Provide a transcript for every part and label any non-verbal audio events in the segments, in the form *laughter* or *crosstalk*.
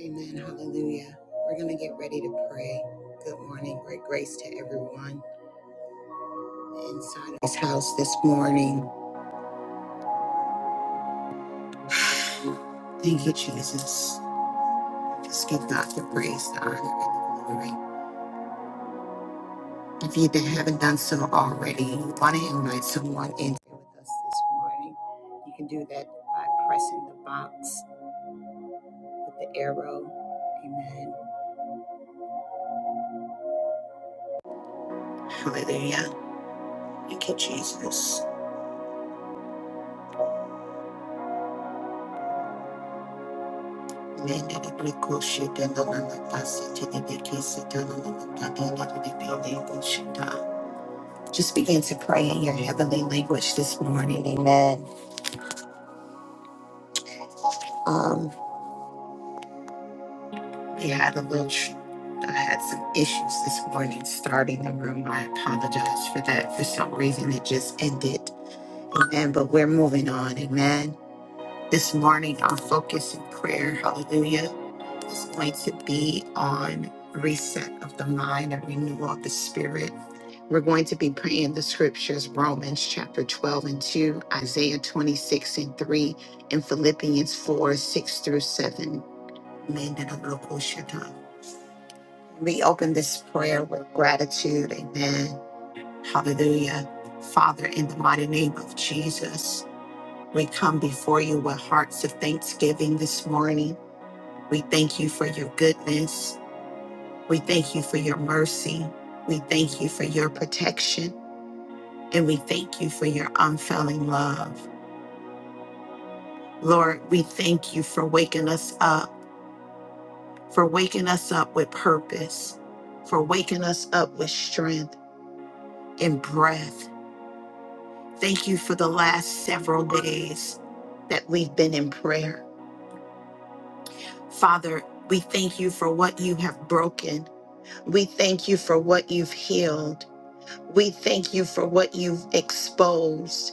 Amen. Hallelujah. We're going to get ready to pray. Good morning. Great grace to everyone inside of this house this morning. *sighs* Thank you, Jesus. Just give God the praise, the honor, and the glory. If you haven't done so already, you want to invite someone in with us this morning. You can do that by pressing the box with the arrow. Amen. Hallelujah. Thank you, Jesus. Mende de precosce della nanapacity de decise della nanapagana de pele. Just begin to pray in your heavenly language this morning. Amen. Um, we had a little, tr- I had some issues this morning starting the room. I apologize for that. For some reason, it just ended. Amen. But we're moving on. Amen. This morning, our focus in prayer, hallelujah It's going to be on reset of the mind and renewal of the spirit. We're going to be praying the scriptures Romans chapter 12 and 2, Isaiah 26 and 3, and Philippians 4 6 through 7. We open this prayer with gratitude. Amen. Hallelujah. Father, in the mighty name of Jesus, we come before you with hearts of thanksgiving this morning. We thank you for your goodness. We thank you for your mercy. We thank you for your protection. And we thank you for your unfailing love. Lord, we thank you for waking us up, for waking us up with purpose, for waking us up with strength and breath. Thank you for the last several days that we've been in prayer. Father, we thank you for what you have broken. We thank you for what you've healed. We thank you for what you've exposed,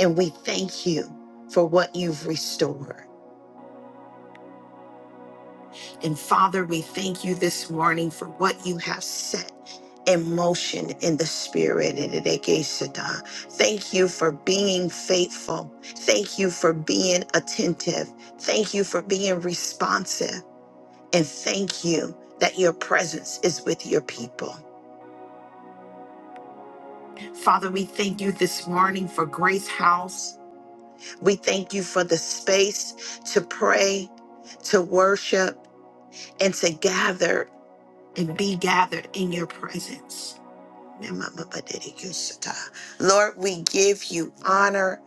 and we thank you for what you've restored. And Father, we thank you this morning for what you have set in motion in the spirit. Thank you for being faithful. Thank you for being attentive. Thank you for being responsive. And thank you that your presence is with your people. Father, we thank you this morning for Grace House. We thank you for the space to pray, to worship, and to gather and be gathered in your presence. Lord, we give you honor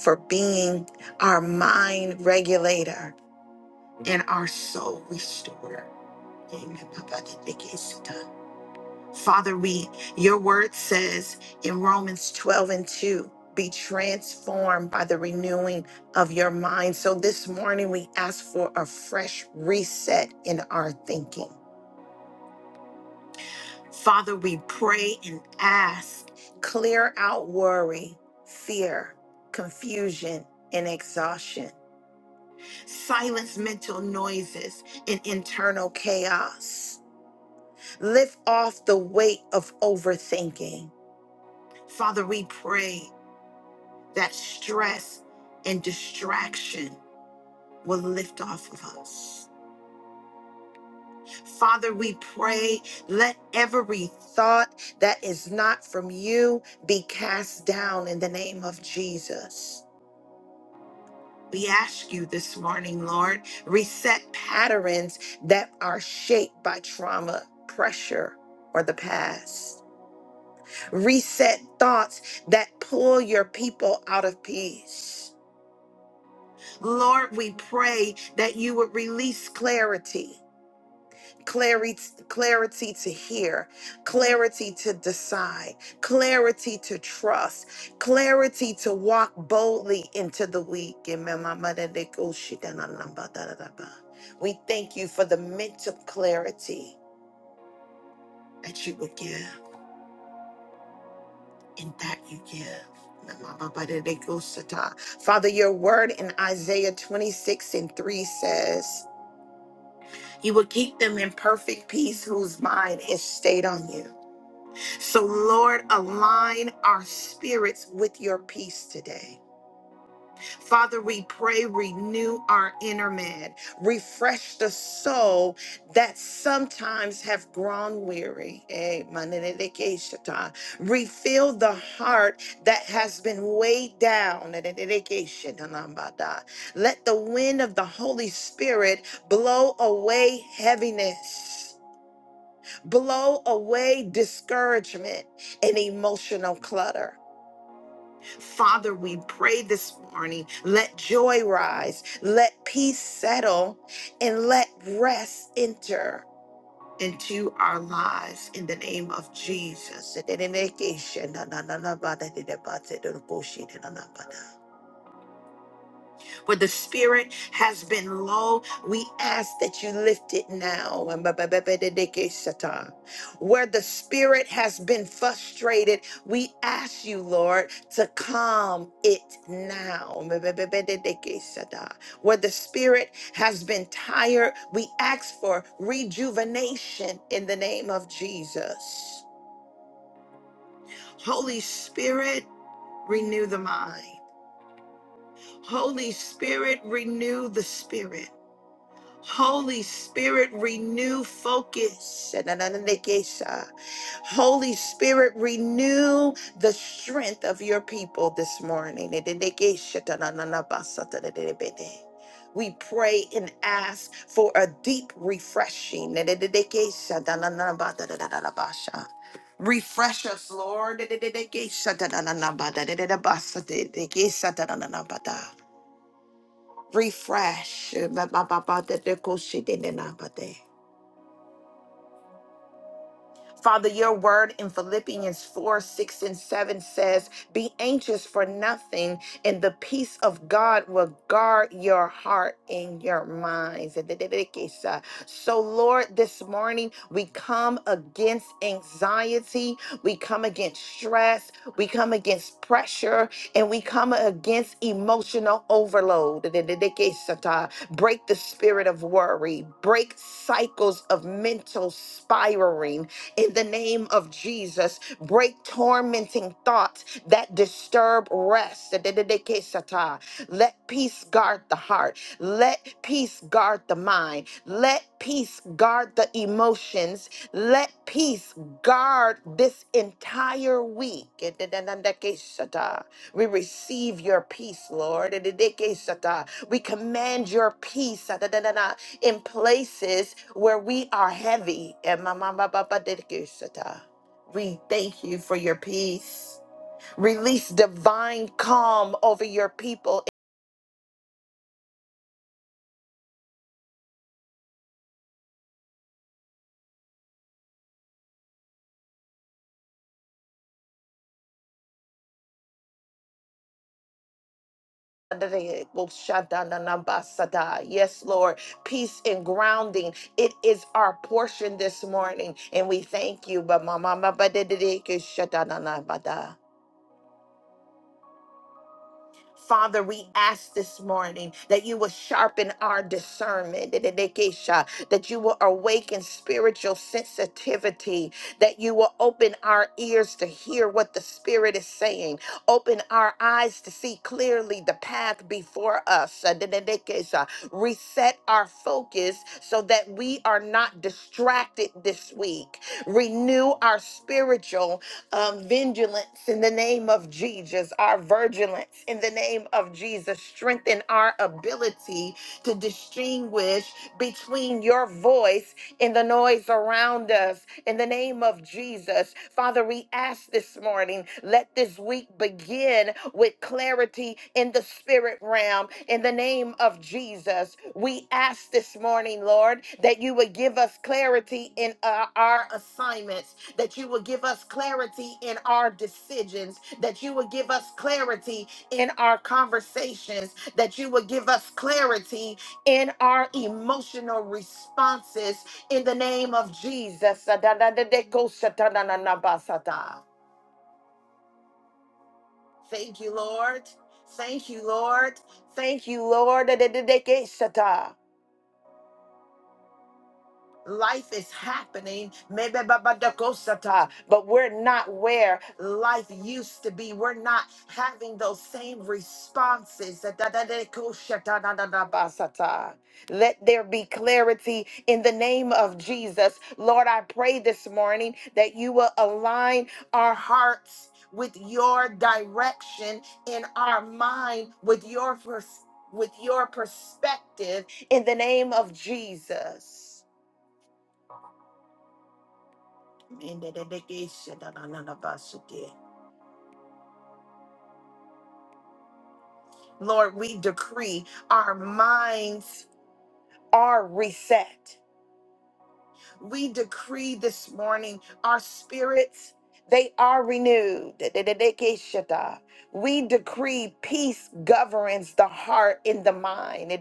for being our mind regulator and our soul restorer. Father, we your word says in Romans 12 and 2, be transformed by the renewing of your mind. So this morning we ask for a fresh reset in our thinking. Father, we pray and ask, clear out worry, fear, confusion, and exhaustion. Silence mental noises and internal chaos. Lift off the weight of overthinking. Father, we pray. that stress and distraction will lift off of us. Father, we pray, let every thought that is not from you be cast down in the name of Jesus. We ask you this morning, Lord, reset patterns that are shaped by trauma, pressure, or the past. Reset thoughts that pull your people out of peace Lord, we pray that you would release clarity. Clarity, clarity to hear, clarity to decide, clarity to trust, clarity to walk boldly into the week. We thank you for the mental clarity that you would give and that you give. Father, your word in Isaiah 26 and 3 says, You will keep them in perfect peace whose mind is stayed on you. So, Lord, align our spirits with your peace today. Father, we pray, renew our inner man, refresh the soul that sometimes have grown weary. Eh, manenekeshata. Refill the heart that has been weighed down. Nenekeshatanambada. Let the wind of the Holy Spirit blow away heaviness. Blow away discouragement and emotional clutter. Father, we pray this morning. Let joy rise, let peace settle, and let rest enter into our lives in the name of Jesus. where the spirit has been low, we ask that you lift it now. Where the spirit has been frustrated, we ask you, Lord, to calm it now. Where the spirit has been tired, we ask for rejuvenation in the name of Jesus. Holy Spirit, renew the mind. Holy Spirit, renew the spirit. Holy Spirit, renew focus. Holy Spirit, renew the strength of your people this morning. We pray and ask for a deep refreshing. Refresh us, Lord refresh. Ba- ba- ba- ba- de- de- ko- shi- de- de- na- ba- de. Father, your word in Philippians 4 6 and 7 says, Be anxious for nothing, and the peace of God will guard your heart and your minds. So, Lord, this morning we come against anxiety, we come against stress, we come against pressure, and we come against emotional overload. Break the spirit of worry, break cycles of mental spiraling in the name of Jesus. Break tormenting thoughts that disturb rest. Let peace guard the heart. Let peace guard the mind. Let peace guard the emotions. Let peace guard this entire week. We receive your peace, Lord. Edidikesata. We command your peace ah, da, da, da, da, in places where we are heavy. Emamamababadidikesata. We thank you for your peace. Release divine calm over your people. Edidikeshadananabasada. Yes, Lord. Peace and grounding. It is our portion this morning, and we thank you. Bamamamabadidikeshadananabada. Father, we ask this morning that you will sharpen our discernment, that you will awaken spiritual sensitivity, that you will open our ears to hear what the Spirit is saying, open our eyes to see clearly the path before us. Reset our focus so that we are not distracted this week. Renew our spiritual um, vigilance in the name of Jesus, our vigilance in the name of Jesus. Strengthen our ability to distinguish between your voice in the noise around us. In the name of Jesus, Father, we ask this morning, let this week begin with clarity in the spirit realm. In the name of Jesus, we ask this morning, Lord, that you would give us clarity in uh, our assignments, that you would give us clarity in our decisions, that you would give us clarity in our conversations, that you would give us clarity in our emotional responses in the name of Jesus. Thank you, Lord. Thank you, Lord. Thank you, Lord. Life is happening, maybe babadakosata, but we're not where life used to be. We're not having those same responses. Dadadadekoshatadadadabasata. Let there be clarity in the name of Jesus. Lord, I pray this morning that you will align our hearts with your direction in our mind with your pers- with your perspective in the name of Jesus. In the dedication of Ananabasuke. Lord, we decree our minds are reset. We decree this morning our spirits, they are renewed. We decree peace governs the heart and the mind. In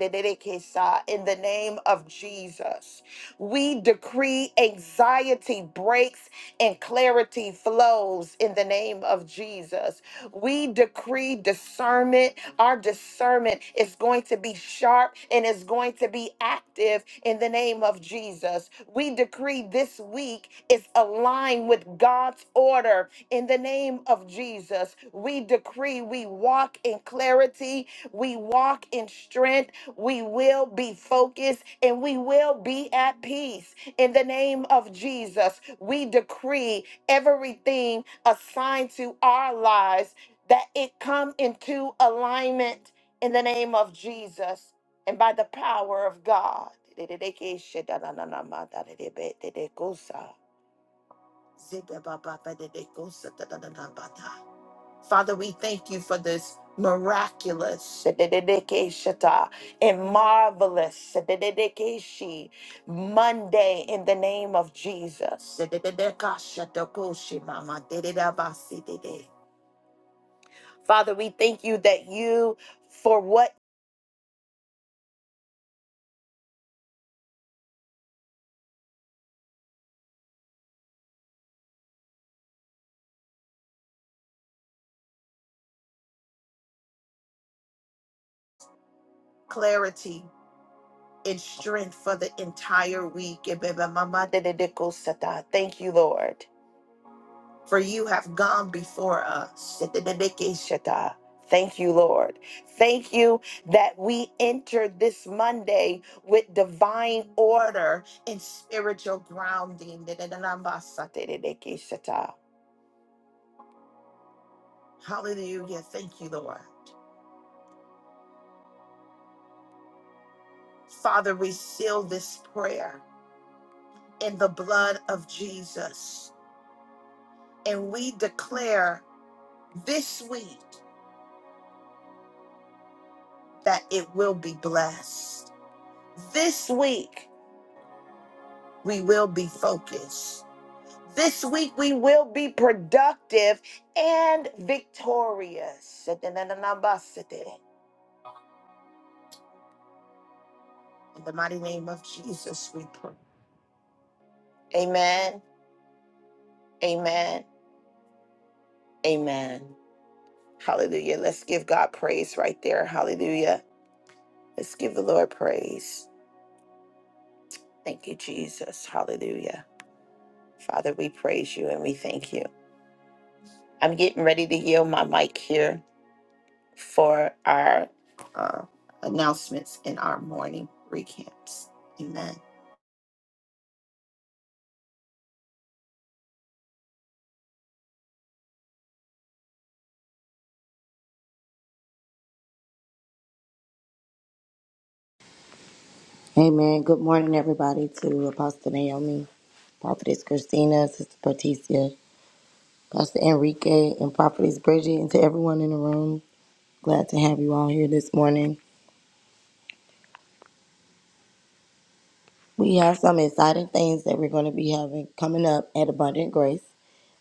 the name of Jesus, we decree anxiety breaks and clarity flows in the name of Jesus. We decree discernment our discernment is going to be sharp and is going to be active in the name of Jesus. We decree this week is aligned with God's order in the name of Jesus. We decree we walk in clarity, we walk in strength, we will be focused, and we will be at peace in the name of Jesus. We decree everything assigned to our lives that it come into alignment in the name of Jesus and by the power of God. Father, we thank you for this miraculous and marvelous Monday in the name of Jesus. Father, we thank you that you, for what clarity and strength for the entire week. Thank you, Lord, for you have gone before us. Thank you, Lord. Thank you that we entered this Monday with divine order and spiritual grounding. Hallelujah. Thank you, Lord. Father, we seal this prayer in the blood of Jesus. And we declare this week that it will be blessed. This week, we will be focused. This week, we will be productive and victorious. In the mighty name of Jesus, we pray. Amen. Amen. Amen. Hallelujah. Let's give God praise right there. Hallelujah. Let's give the Lord praise. Thank you, Jesus. Hallelujah. Father, we praise you and we thank you. I'm getting ready to yield my mic here for our uh, announcements and our morning recamps. Amen. Amen. Good morning, everybody, to Apostle Naomi, Prophetess Christina, Sister Patricia, Pastor Enrique, and Prophetess Bridget, and to everyone in the room. Glad to have you all here this morning. We have some exciting things that we're going to be having coming up at Abundant Grace.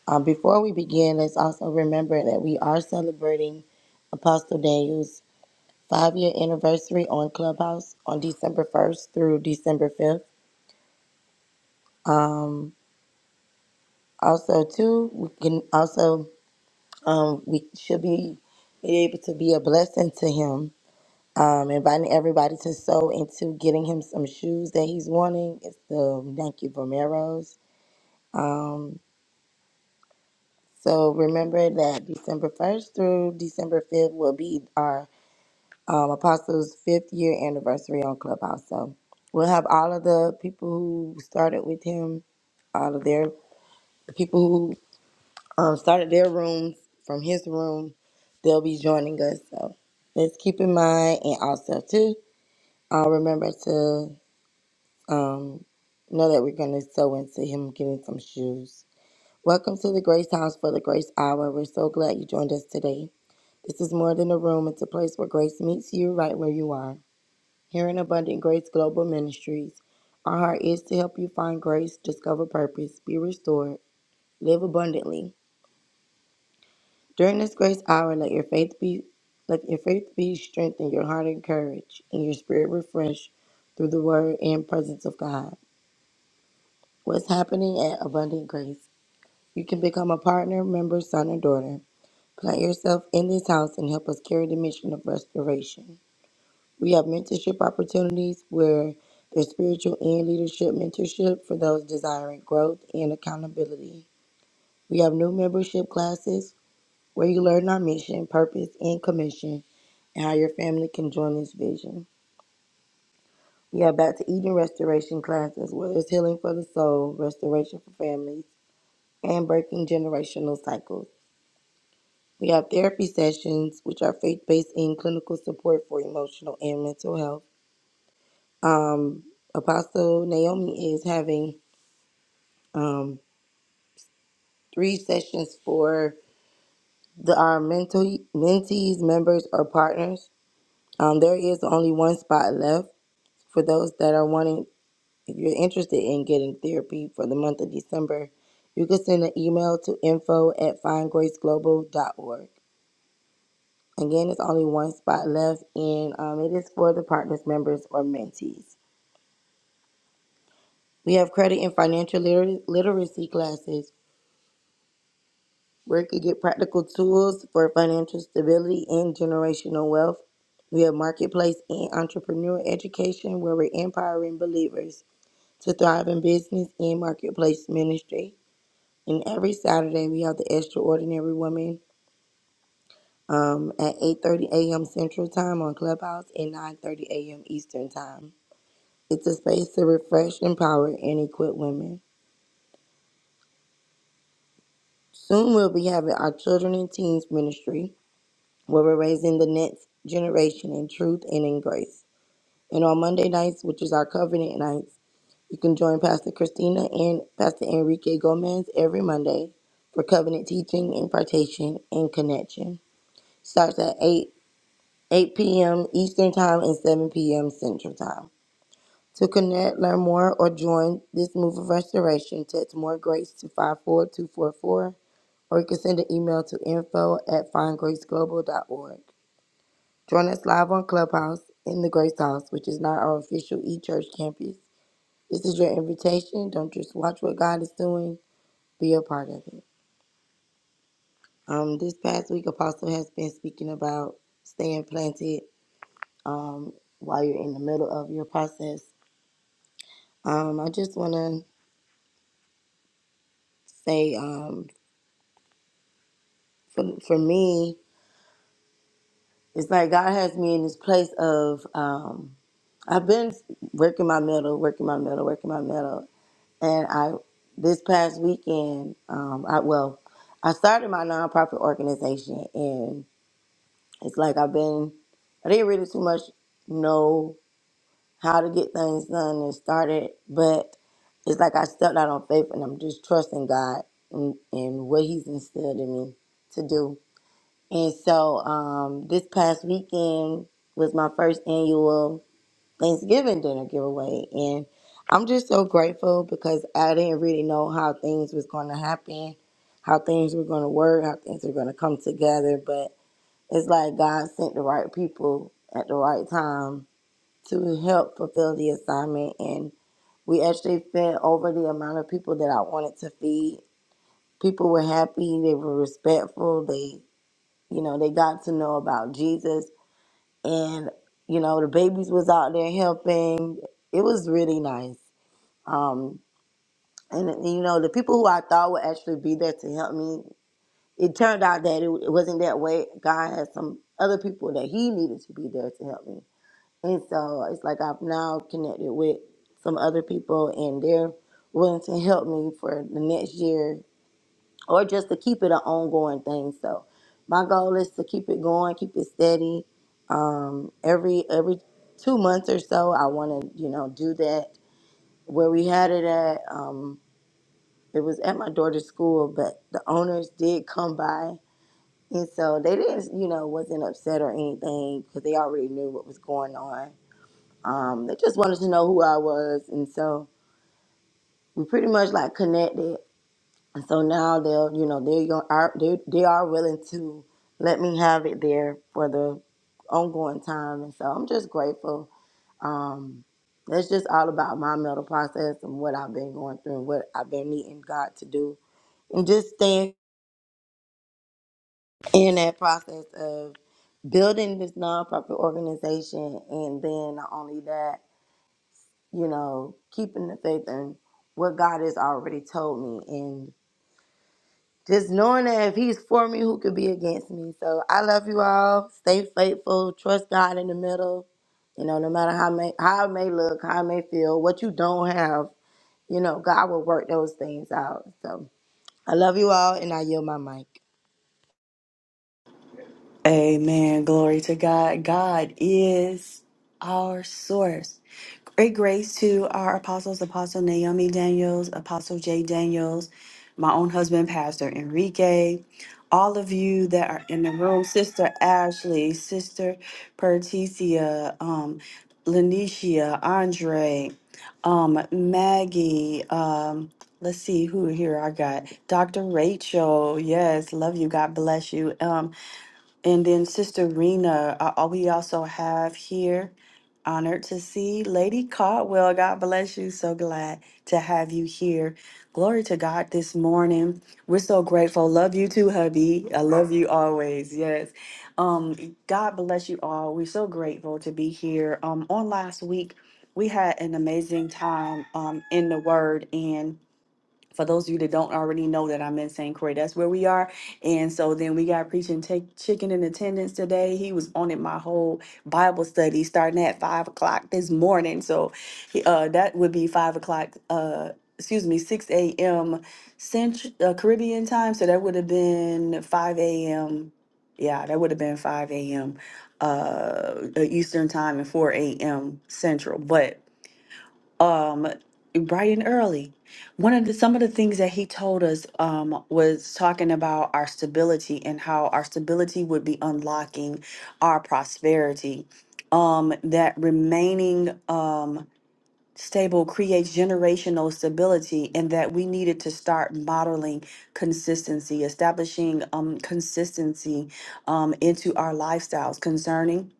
Um, before we begin, let's also remember that we are celebrating Apostle Daniel's five year anniversary on Clubhouse on December 1st through December 5th. Um, also, too, we can also um, we should be able to be a blessing to him. Um, inviting everybody to sew into getting him some shoes that he's wanting. It's the Nike Vomeros. Um, so remember that December 1st through December 5th will be our um, Apostles' fifth year anniversary on Clubhouse. So we'll have all of the people who started with him, all of their the people um, started their rooms from his room. They'll be joining us. So let's keep in mind, and also too, uh, remember to um, know that we're going to sew into him getting some shoes. Welcome to the Grace House for the Grace Hour. We're so glad you joined us today. This is more than a room. It's a place where grace meets you right where you are. Here in Abundant Grace Global Ministries, our heart is to help you find grace, discover purpose, be restored, live abundantly, During this grace hour, let your faith be let your faith be strengthened, your heart encouraged, and your spirit refreshed through the word and presence of God. What's happening at Abundant Grace? You can become a partner, member, son, or daughter. Plant yourself in this house and help us carry the mission of restoration. We have mentorship opportunities where there's spiritual and leadership mentorship for those desiring growth and accountability. We have new membership classes where you learn our mission, purpose, and commission and how your family can join this vision. Yeah, back to Eden restoration classes, where there's healing for the soul, restoration for families, and breaking generational cycles. We have therapy sessions, which are faith based in clinical support for emotional and mental health. Um, Apostle Naomi is having um, three sessions for the, our mental, mentees, members, or partners. Um, there is only one spot left for those that are wanting If you're interested in getting therapy for the month of December, you can send an email to info at findgraceglobal.org. Again, it's only one spot left, and um, it is for the partners, members, or mentees. We have credit and financial liter- literacy classes where you can get practical tools for financial stability and generational wealth. We have marketplace and entrepreneur education where we're empowering believers to thrive in business and marketplace ministry. And every Saturday we have the Extraordinary Woman um, at 8:30 a.m. Central Time on Clubhouse and 9:30 a.m. Eastern Time. It's a space to refresh, empower, and equip women. Soon we'll be having our Children and Teens Ministry, where we're raising the next generation in truth and in grace. And on Monday nights, which is our Covenant nights, you can join Pastor Christina and Pastor Enrique Gomez every Monday for covenant teaching, impartation, and connection. Starts at 8 8 p.m. Eastern Time and 7 p.m. Central Time. To connect, learn more, or join this move of restoration, text More Grace to 54244, or you can send an email to info at find grace global dot org. Join us live on Clubhouse in the Grace House, which is not our official e church campus. This is your invitation. Don't just watch what God is doing, be a part of it. Um, this past week, Apostle has been speaking about staying planted um, while you're in the middle of your process Um, I just want to say, um, for for me, it's like God has me in this place of um, I've been working my metal, working my metal, working my metal, and I this past weekend, um, I well, I started my nonprofit organization, and it's like I've been I didn't really too much know how to get things done and started, but it's like I stepped out on faith, and I'm just trusting God and and what He's instilled in me to do. And so um, this past weekend was my first annual Thanksgiving dinner giveaway. And I'm just so grateful because I didn't really know how things was going to happen, how things were going to work, how things were going to come together. But it's like God sent the right people at the right time to help fulfill the assignment. And we actually fed over the amount of people that I wanted to feed. People were happy. They were respectful. They you know they got to know about jesus and you know the babies was out there helping it was really nice um and you know the people who i thought would actually be there to help me it turned out that it, it wasn't that way god had some other people that he needed to be there to help me and so it's like i've now connected with some other people and they're willing to help me for the next year or just to keep it an ongoing thing. So my goal is to keep it going, keep it steady. Um, every every two months or so, I want to you know do that. Where we had it at, um, it was at my daughter's school, but the owners did come by, and so they didn't you know wasn't upset or anything because they already knew what was going on. Um, they just wanted to know who I was, and so we pretty much like connected, And so now they'll, you know, they gon- are they they are willing to let me have it there for the ongoing time. And so I'm just grateful. Um, it's just all about my mental process and what I've been going through and what I've been needing God to do, and just staying in that process of building this nonprofit organization, and then not only that, you know, keeping the faith in what God has already told me and. just knowing that if he's for me, who could be against me? So I love you all. Stay faithful. Trust God in the middle. You know, no matter how may how it may look, how it may feel, what you don't have, you know, God will work those things out. So I love you all, and I yield my mic. Amen. Glory to God. God is our source. Great grace to our apostles, Apostle Naomi Daniels, Apostle Jay Daniels, my own husband, Pastor Enrique, all of you that are in the room, Sister Ashley, Sister Perticia, um, Lanicia, Andre, um, Maggie, um, let's see who here I got. Dr. Rachel, yes, love you. God bless you. Um, and then Sister Rena, uh, uh, we also have here, honored to see Lady Caldwell. God bless you. So glad to have you here. Glory to God this morning. We're so grateful. Love you too, hubby. I love you always. Yes. Um, God bless you all. We're so grateful to be here. Um, on last week, we had an amazing time um, in the Word, and for those of you that don't already know that I'm in St. Croix, that's where we are. And so then we got preaching take chicken in attendance today. He was on it my whole Bible study starting at five o'clock this morning. So he- uh, that would be five o'clock. Uh, excuse me, six a.m. Central uh, Caribbean time. So that would have been five a.m. Yeah, that would have been five a.m. Uh, Eastern time and four a.m. Central, but um bright and early one of the some of the things that he told us um was talking about our stability and how our stability would be unlocking our prosperity um that remaining um stable creates generational stability and that we needed to start modeling consistency establishing um consistency um into our lifestyles concerning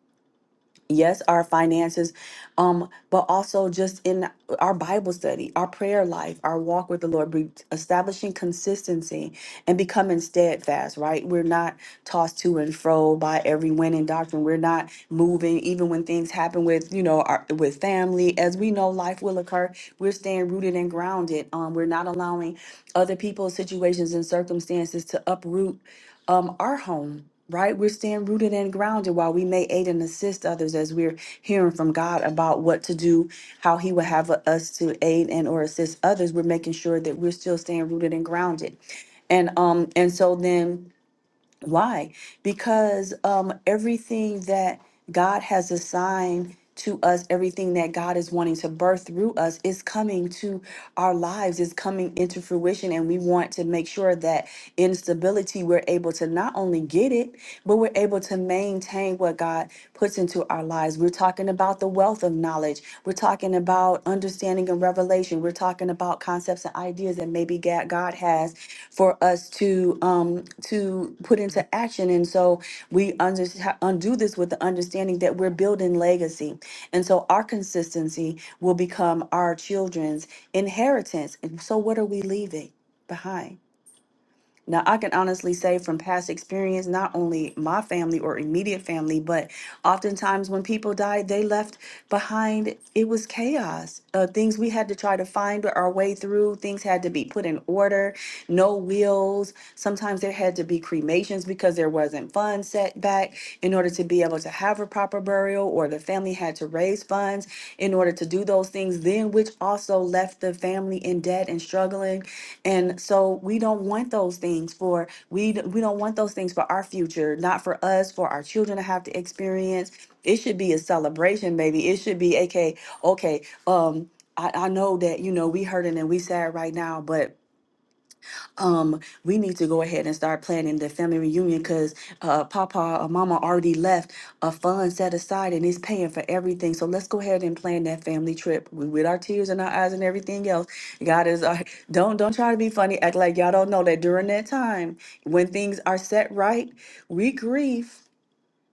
yes our finances um but also just in our bible study our prayer life our walk with the lord be- establishing consistency and becoming steadfast, right? We're not tossed to and fro by every wind and doctrine. We're not moving, even when things happen with, you know, our, with family. As we know, life will occur. We're staying rooted and grounded. Um, we're not allowing other people's situations and circumstances to uproot um, our home. Right, we're staying rooted and grounded while we may aid and assist others as we're hearing from God about what to do, how He would have us to aid and or assist others. We're making sure that we're still staying rooted and grounded and um and so then why? Because um everything that God has assigned to us, everything that God is wanting to birth through us is coming to our lives, is coming into fruition. And we want to make sure that in stability, we're able to not only get it, but we're able to maintain what God puts into our lives. We're talking about the wealth of knowledge. We're talking about understanding and revelation. We're talking about concepts and ideas that maybe Ga- God has for us to um, to put into action. And so we under, undo this with the understanding that we're building legacy. And so our consistency will become our children's inheritance. And so what are we leaving behind? Now, I can honestly say from past experience, not only my family or immediate family, but oftentimes when people died, they left behind, it was chaos. Uh, things we had to try to find our way through, things had to be put in order, no wills. Sometimes there had to be cremations because there wasn't funds set back in order to be able to have a proper burial or the the family had to raise funds in order to do those things then which also left the family in debt and struggling and so we don't want those things for we we don't want those things for our future not for us for our children to have to experience it should be a celebration baby it should be okay okay um I, I know that you know we hurting and we sad right now, but um, we need to go ahead and start planning the family reunion because uh, Papa or Mama already left a fund set aside and it's paying for everything. So let's go ahead and plan that family trip with with our tears in our eyes and everything else. God is uh, *laughs* don't don't try to be funny. Act like y'all don't know that during that time when things are set right, we grieve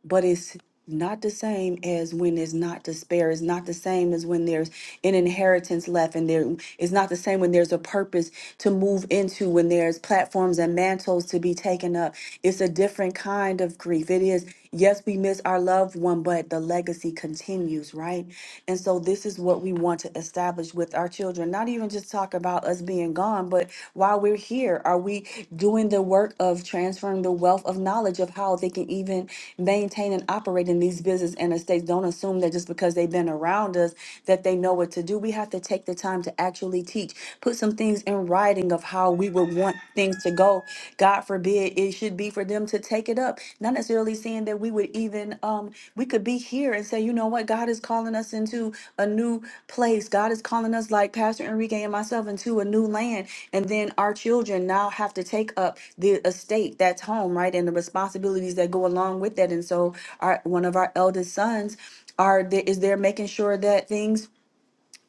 but it's not the same as when there's not despair. It's not the same as when there's an inheritance left, and there it's not the same when there's a purpose to move into, when there's platforms and mantles to be taken up. It's a different kind of grief. It is, yes, we miss our loved one, but the legacy continues, right? And so this is what we want to establish with our children, not even just just talk about us being gone, but while we're here, are we doing the work of transferring the wealth of knowledge of how they can even maintain and operate in these business and estates? Don't assume that just because they've been around us that they know what to do. We have to take the time to actually teach, put some things in writing of how we would want things to go. God forbid it should be for them to take it take it up. Not necessarily saying that we would even um we could be here and say, you know what, God is calling us into a new place. God is calling us like Pastor Enrique and myself into a new land. And then our children now have to take up the estate that's home, right? And the responsibilities that go along with that. And so our one of our eldest sons are there is there making sure that things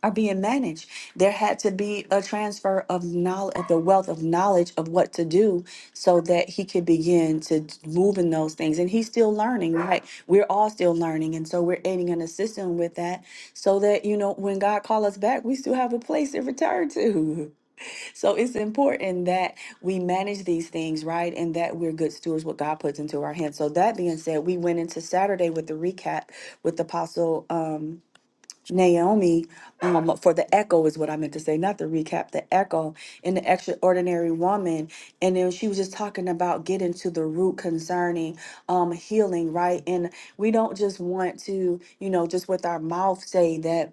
are being managed. There had to be a transfer of knowledge, of the wealth of knowledge of what to do so that he could begin to move in those things. And he's still learning, right? We're all still learning. And so we're aiding and assisting with that so that, you know, when God calls us back, we still have a place to return to. *laughs* So it's important that we manage these things, right? And that we're good stewards what God puts into our hands. So that being said, we went into Saturday with the recap with Apostle. Um, Naomi um, for the echo is what I meant to say, not the recap, the echo in the extraordinary woman. And then she was just talking about getting to the root concerning um, healing, right? And we don't just want to, you know, just with our mouth say that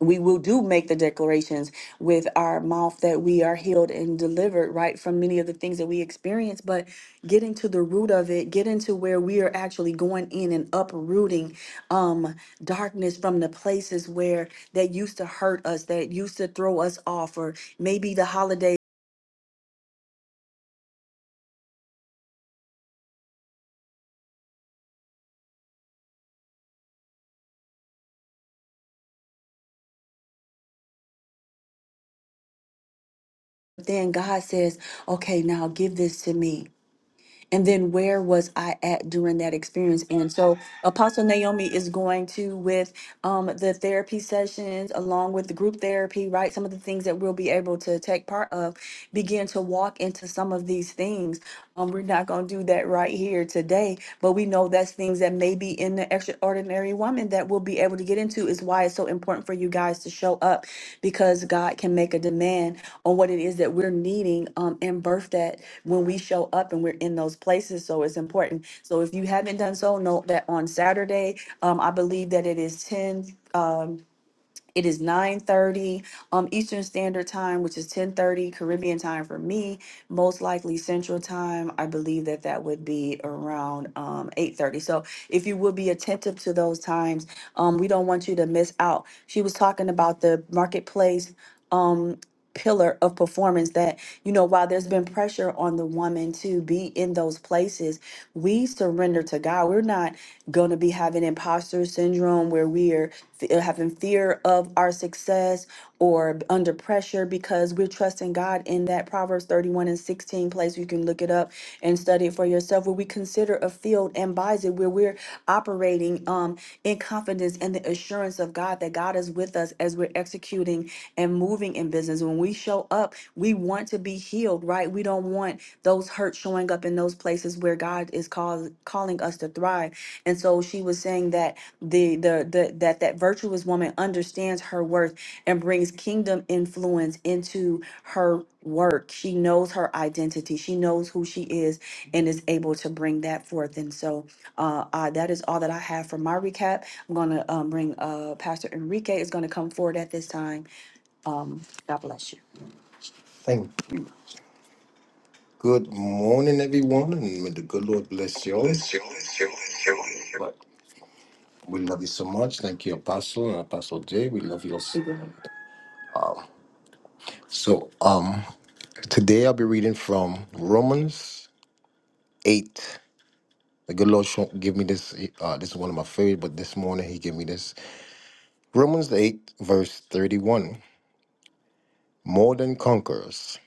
we will do make the declarations with our mouth that we are healed and delivered right from many of the things that we experience but getting to the root of it getting to where we are actually going in and uprooting um darkness from the places where that used to hurt us that used to throw us off or maybe the holidays. then god says okay now give this to me and then where was I at during that experience? And so Apostle Naomi is going to with um, the therapy sessions along with the group therapy, right? Some of the things that we'll be able to take part of, begin to walk into some of these things. Um, we're not going to do that right here today, but we know that's things that may maybe in the extraordinary woman that we'll be able to get into is why it's so important for you guys to show up because God can make a demand on what it is that we're needing um, and birth that when we show up and we're in those places. So it's important. So if you haven't done so, note that on Saturday, um, I believe that it is is ten. It is 9:30 um Eastern Standard Time, which is 10:30 Caribbean time for me, most likely Central Time. I believe that that would be around um 8:30. So, if you would be attentive to those times, um we don't want you to miss out. She was talking about the marketplace um pillar of performance that you know while there's been pressure on the woman to be in those places we surrender to god we're not going to be having imposter syndrome where we're f- having fear of our success or under pressure because we're trusting god in that proverbs 31 and 16 place you can look it up and study it for yourself where we consider a field and buys it where we're operating um in confidence and the assurance of god that god is with us as we're executing and moving moving in business. When we show up, we want to be healed, right? We don't want those hurts showing up in those places where God is call, calling us to thrive. And so she was saying that the, the the that that virtuous woman understands her worth and brings kingdom influence into her work. She knows her identity. She knows who she is and is able to bring that forth. And so uh, uh, that is all that I have for my recap. I'm going to um, bring uh, Pastor Enrique is going to come forward at this time God bless you. Thank you. Good morning, everyone, and may the good Lord bless you all. But we love you so much. Thank you, Apostle and Apostle Jay. We love you also. Amen. So, um, today I'll be reading from Romans eight. The good Lord sho- give me this. Uh, this is one of my favorite, but this morning He gave me this. Romans eight, verse thirty-one. More than conquerors.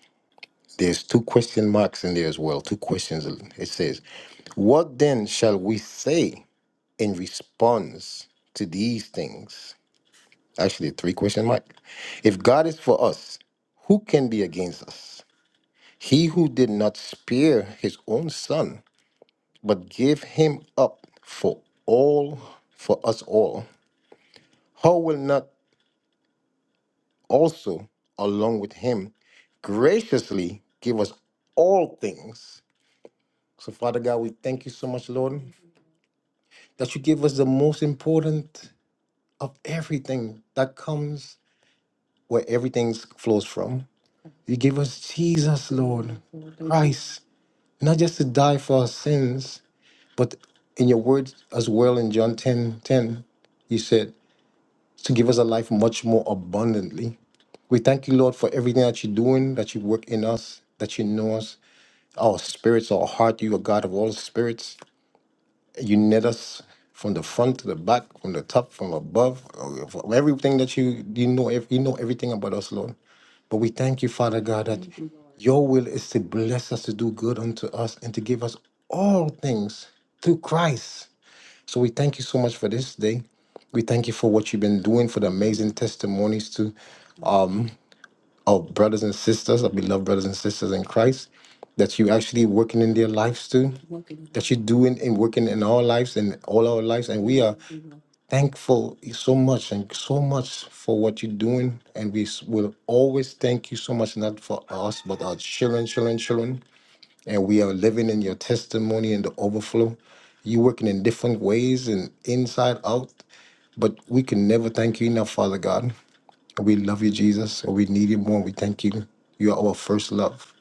There's two question marks in there as well. Two questions. It says, "What then shall we say?" in response to these things? Actually, three question mark. If God is for us, who can be against us? He who did not spare his own son, but gave him up for all, for us all, how will not also, along with him, graciously give us all things? So, Father God, we thank you so much, Lord, that you give us the most important of everything that comes where everything flows from. You gave us Jesus, Lord, Christ, not just to die for our sins, but in your word as well in John 10 10, you said to give us a life much more abundantly. We thank you, Lord, for everything that you're doing, that you work in us, that you know us, our spirits, our heart. You are God of all spirits. You knit us from the front to the back, from the top, from above, uh, from everything that you you know. ev- You know everything about us, Lord. But we thank you, Father God, that Thank you, Lord. your will is to bless us, to do good unto us, and to give us all things through Christ. So we thank you so much for this day. We thank you for what you've been doing, for the amazing testimonies too of brothers and sisters, of beloved brothers and sisters in Christ, that you actually working in their lives too, that you're doing and working in our lives and all our lives. And we are thankful so much and so much for what you're doing. And we s- will always thank you so much, not for us, but our children, children, children and we are living in your testimony and the overflow. You working in different ways and inside out, but we can never thank you enough, Father God. We love you, Jesus, and we need you more. We thank you. You are our first love.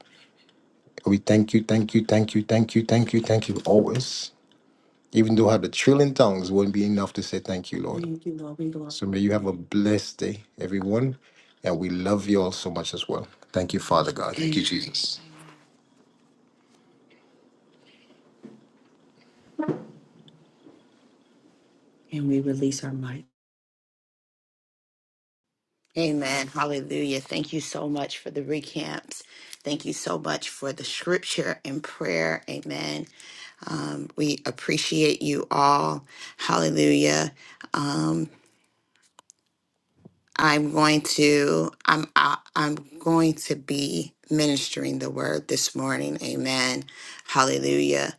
We thank you, thank you, thank you, thank you, thank you, thank you always. Even though I have the trillion tongues, wouldn't be enough to say thank you, Lord. Thank you, Lord. We glorify So may you have a blessed day, everyone. And we love you all so much as well. Thank you, Father God. Thank you, Jesus. you. and we release our might. Amen. Hallelujah. Thank you so much for the recamps. Thank you so much for the scripture and prayer. Amen. Um, we appreciate you all. Hallelujah. Um, I'm going to I'm I, I'm going to be ministering the word this morning. Amen. Hallelujah.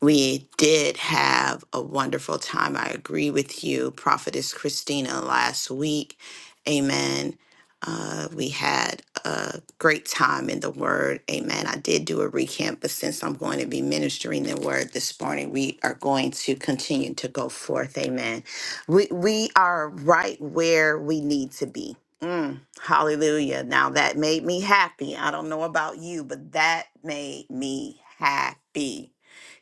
We did have a wonderful time. I agree with you, Prophetess Christina, last week. Amen. Uh, we had a great time in the Word. Amen. I did do a recap, but since I'm going to be ministering the Word this morning, we are going to continue to go forth. Amen. We, we are right where we need to be. Mm, hallelujah. Now that made me happy. I don't know about you, but that made me happy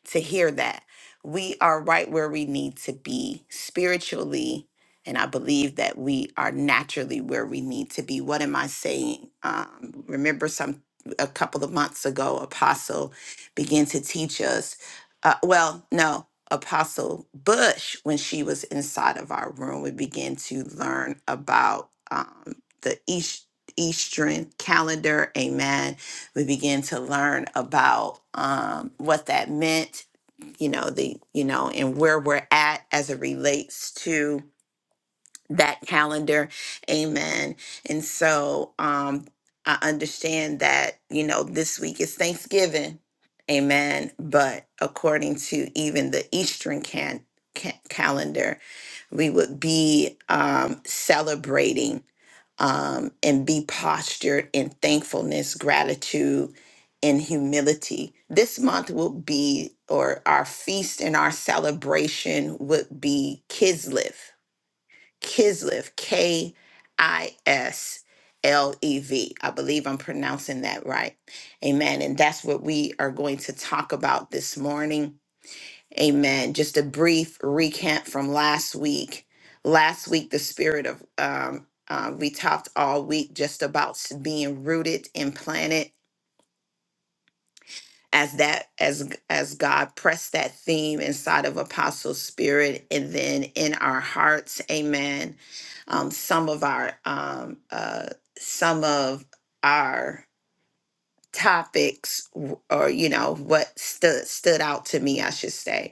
to hear that. We are right where we need to be spiritually. And I believe that we are naturally where we need to be. What am I saying? Um, remember, some a couple of months ago, Apostle began to teach us. Uh, well, no, Apostle Bush, when she was inside of our room, we began to learn about um, the East, Eastern calendar. Amen we began to learn about um, what that meant you know the you know and where we're at as it relates to that calendar amen and so um i understand that you know this week is thanksgiving amen but according to even the eastern can, ca- calendar we would be um celebrating um, and be postured in thankfulness, gratitude, and humility. This month will be, or our feast and our celebration would be Kislev. Kislev, K I S L E V. I believe I'm pronouncing that right. Amen. And that's what we are going to talk about this morning Amen. Just a brief recap from last week. Last week, the spirit of, um, uh, we talked all week just about s- being rooted and planted as that, as, as God pressed that theme inside of Apostle Spirit and then in our hearts. Amen. Um, some of our, um, uh, some of our topics w- or, you know, what stood, stood out to me, I should say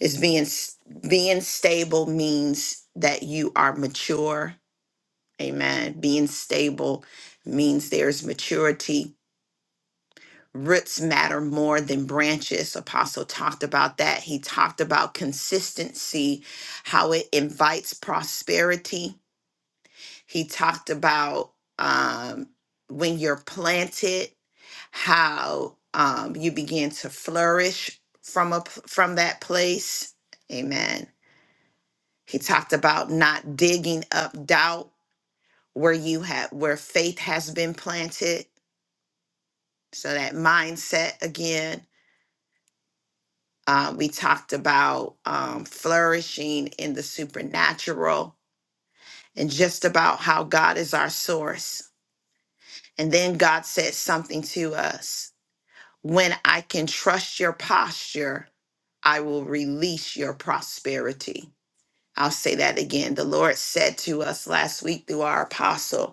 is being s- being stable means that you are mature amen being stable means there's maturity roots matter more than branches apostle talked about that he talked about consistency how it invites prosperity he talked about um, when you're planted how um, you begin to flourish from a p- from that place amen He talked about not digging up doubt where you have where faith has been planted. So that mindset again. Uh, we talked about um, flourishing in the supernatural and just about how God is our source. And then God said something to us when I can trust your posture, I will release your prosperity. I'll say that again. The Lord said to us last week through our apostle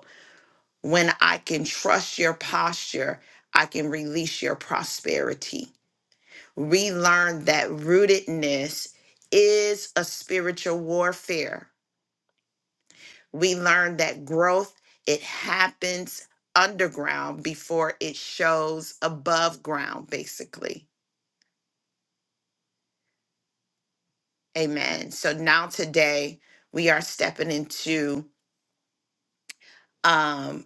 When I can trust your posture, I can release your prosperity. Relearn that rootedness is a spiritual warfare. We learn that growth, it happens underground before it shows above ground, basically. Amen. So now today we are stepping into um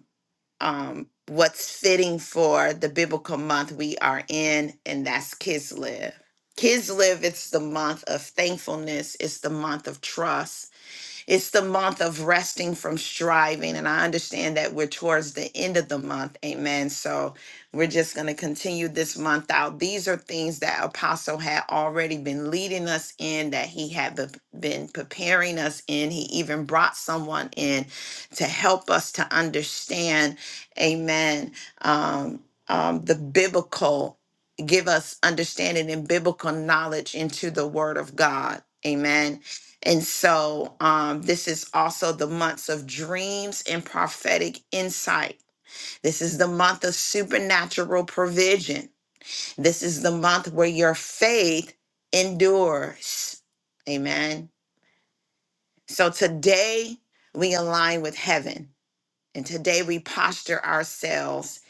um, what's fitting for the biblical month we are in, and that's Kids Live. Kids Live, it's the month of thankfulness, it's the month of trust, it's the month of resting from striving. And I understand that we're towards the end of the month. Amen. So we're just going to continue this month out. These are things that Apostle had already been leading us in, that he had be- been preparing us in. He even brought someone in to help us to understand. Amen. Um, um, the biblical give us understanding and biblical knowledge into the word of God. Amen. And so, um, this is also the months of dreams and prophetic insight. This is the month of supernatural provision. This is the month where your faith endures. Amen. So, today we align with heaven, and today we posture ourselves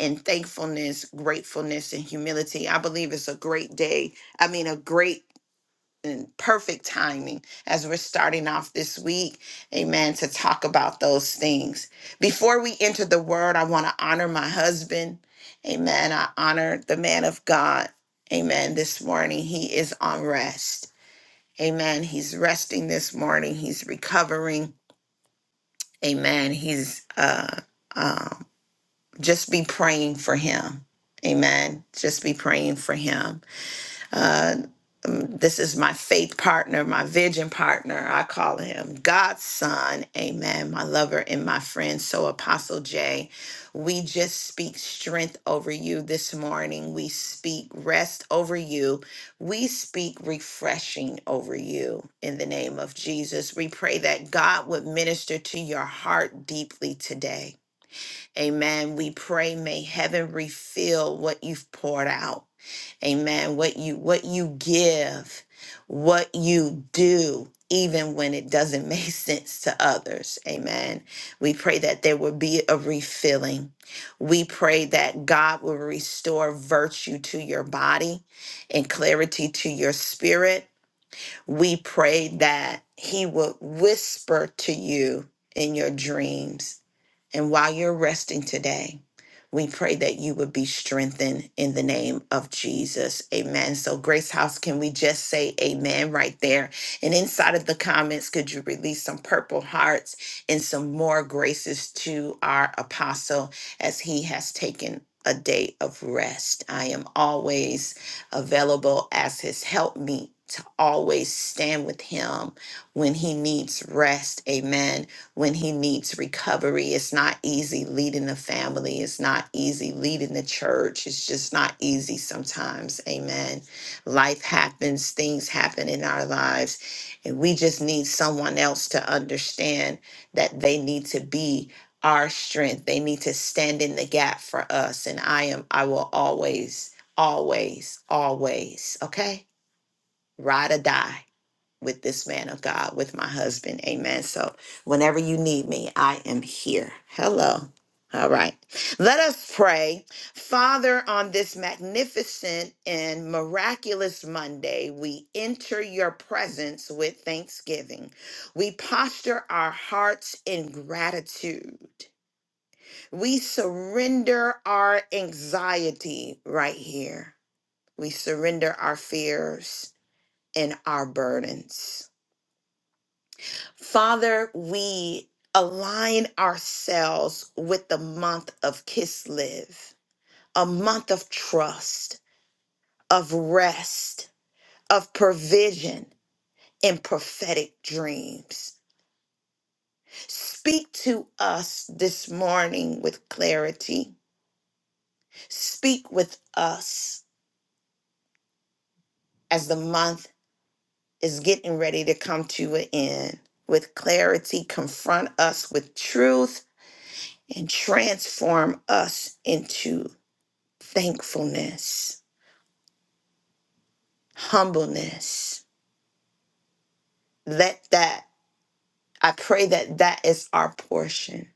in thankfulness, gratefulness, and humility. I believe it's a great day. I mean, a great in perfect timing as we're starting off this week. Amen. To talk about those things. Before we enter the word, I want to honor my husband. Amen. I honor the man of God. Amen. This morning, he is on rest. Amen. He's resting this morning. He's recovering. Amen. He's, uh, um, just be praying for him. Amen. Just be praying for him. Uh, um, this is my faith partner, my vision partner. I call him God's son. Amen. My lover and my friend. So, Apostle Jay, we just speak strength over you this morning. We speak rest over you. We speak refreshing over you in the name of Jesus. We pray that God would minister to your heart deeply today. Amen. We pray, may heaven refill what you've poured out. Amen. What you what you give, what you do, even when it doesn't *laughs* make sense to others. Amen. We pray that there will be a refilling. We pray that God will restore virtue to your body and clarity to your spirit. We pray that he will whisper to you in your dreams and while you're resting today, we pray that you would be strengthened in the name of Jesus. Amen. So, Grace House, can we just say amen right there? And inside of the comments, could you release some purple hearts and some more graces to our apostle as he has taken a day of rest? I am always available as his helpmeet To always stand with him when he needs rest. Amen when he needs recovery. It's not easy leading the family. It's not easy leading the church. It's just not easy sometimes. Amen. Life happens, things happen in our lives, and we just need someone else to understand that they need to be our strength. They need to stand in the gap for us. And I am, I will always, always, always, okay? Ride or die with this man of God, with my husband. Amen. So whenever you need me, I am here. Hello. All right. Let us pray. Father, on this magnificent and miraculous Monday, we enter your presence with thanksgiving. We posture our hearts in gratitude. We surrender our anxiety right here. We surrender our fears and our burdens. Father, we align ourselves with the month of Kislev, a month of trust, of rest, of provision, and prophetic dreams. Speak to us this morning with clarity. Speak with us as the month is getting ready to come to an end. With clarity, confront us with truth and transform us into thankfulness, humbleness. Let that, I pray that that is our portion.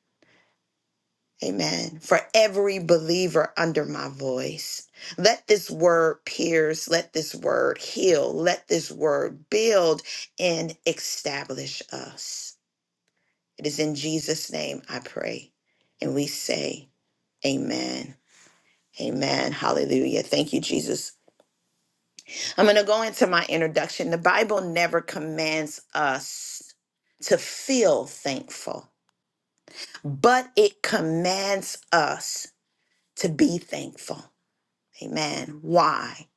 Amen. For every believer under my voice, let this word pierce, let this word heal, let this word build and establish us. It is in Jesus' name I pray. And we say, Amen. Amen. Hallelujah. Thank you, Jesus. I'm going to go into my introduction. The Bible never commands us to feel thankful, but it commands us to be thankful. Amen. Why?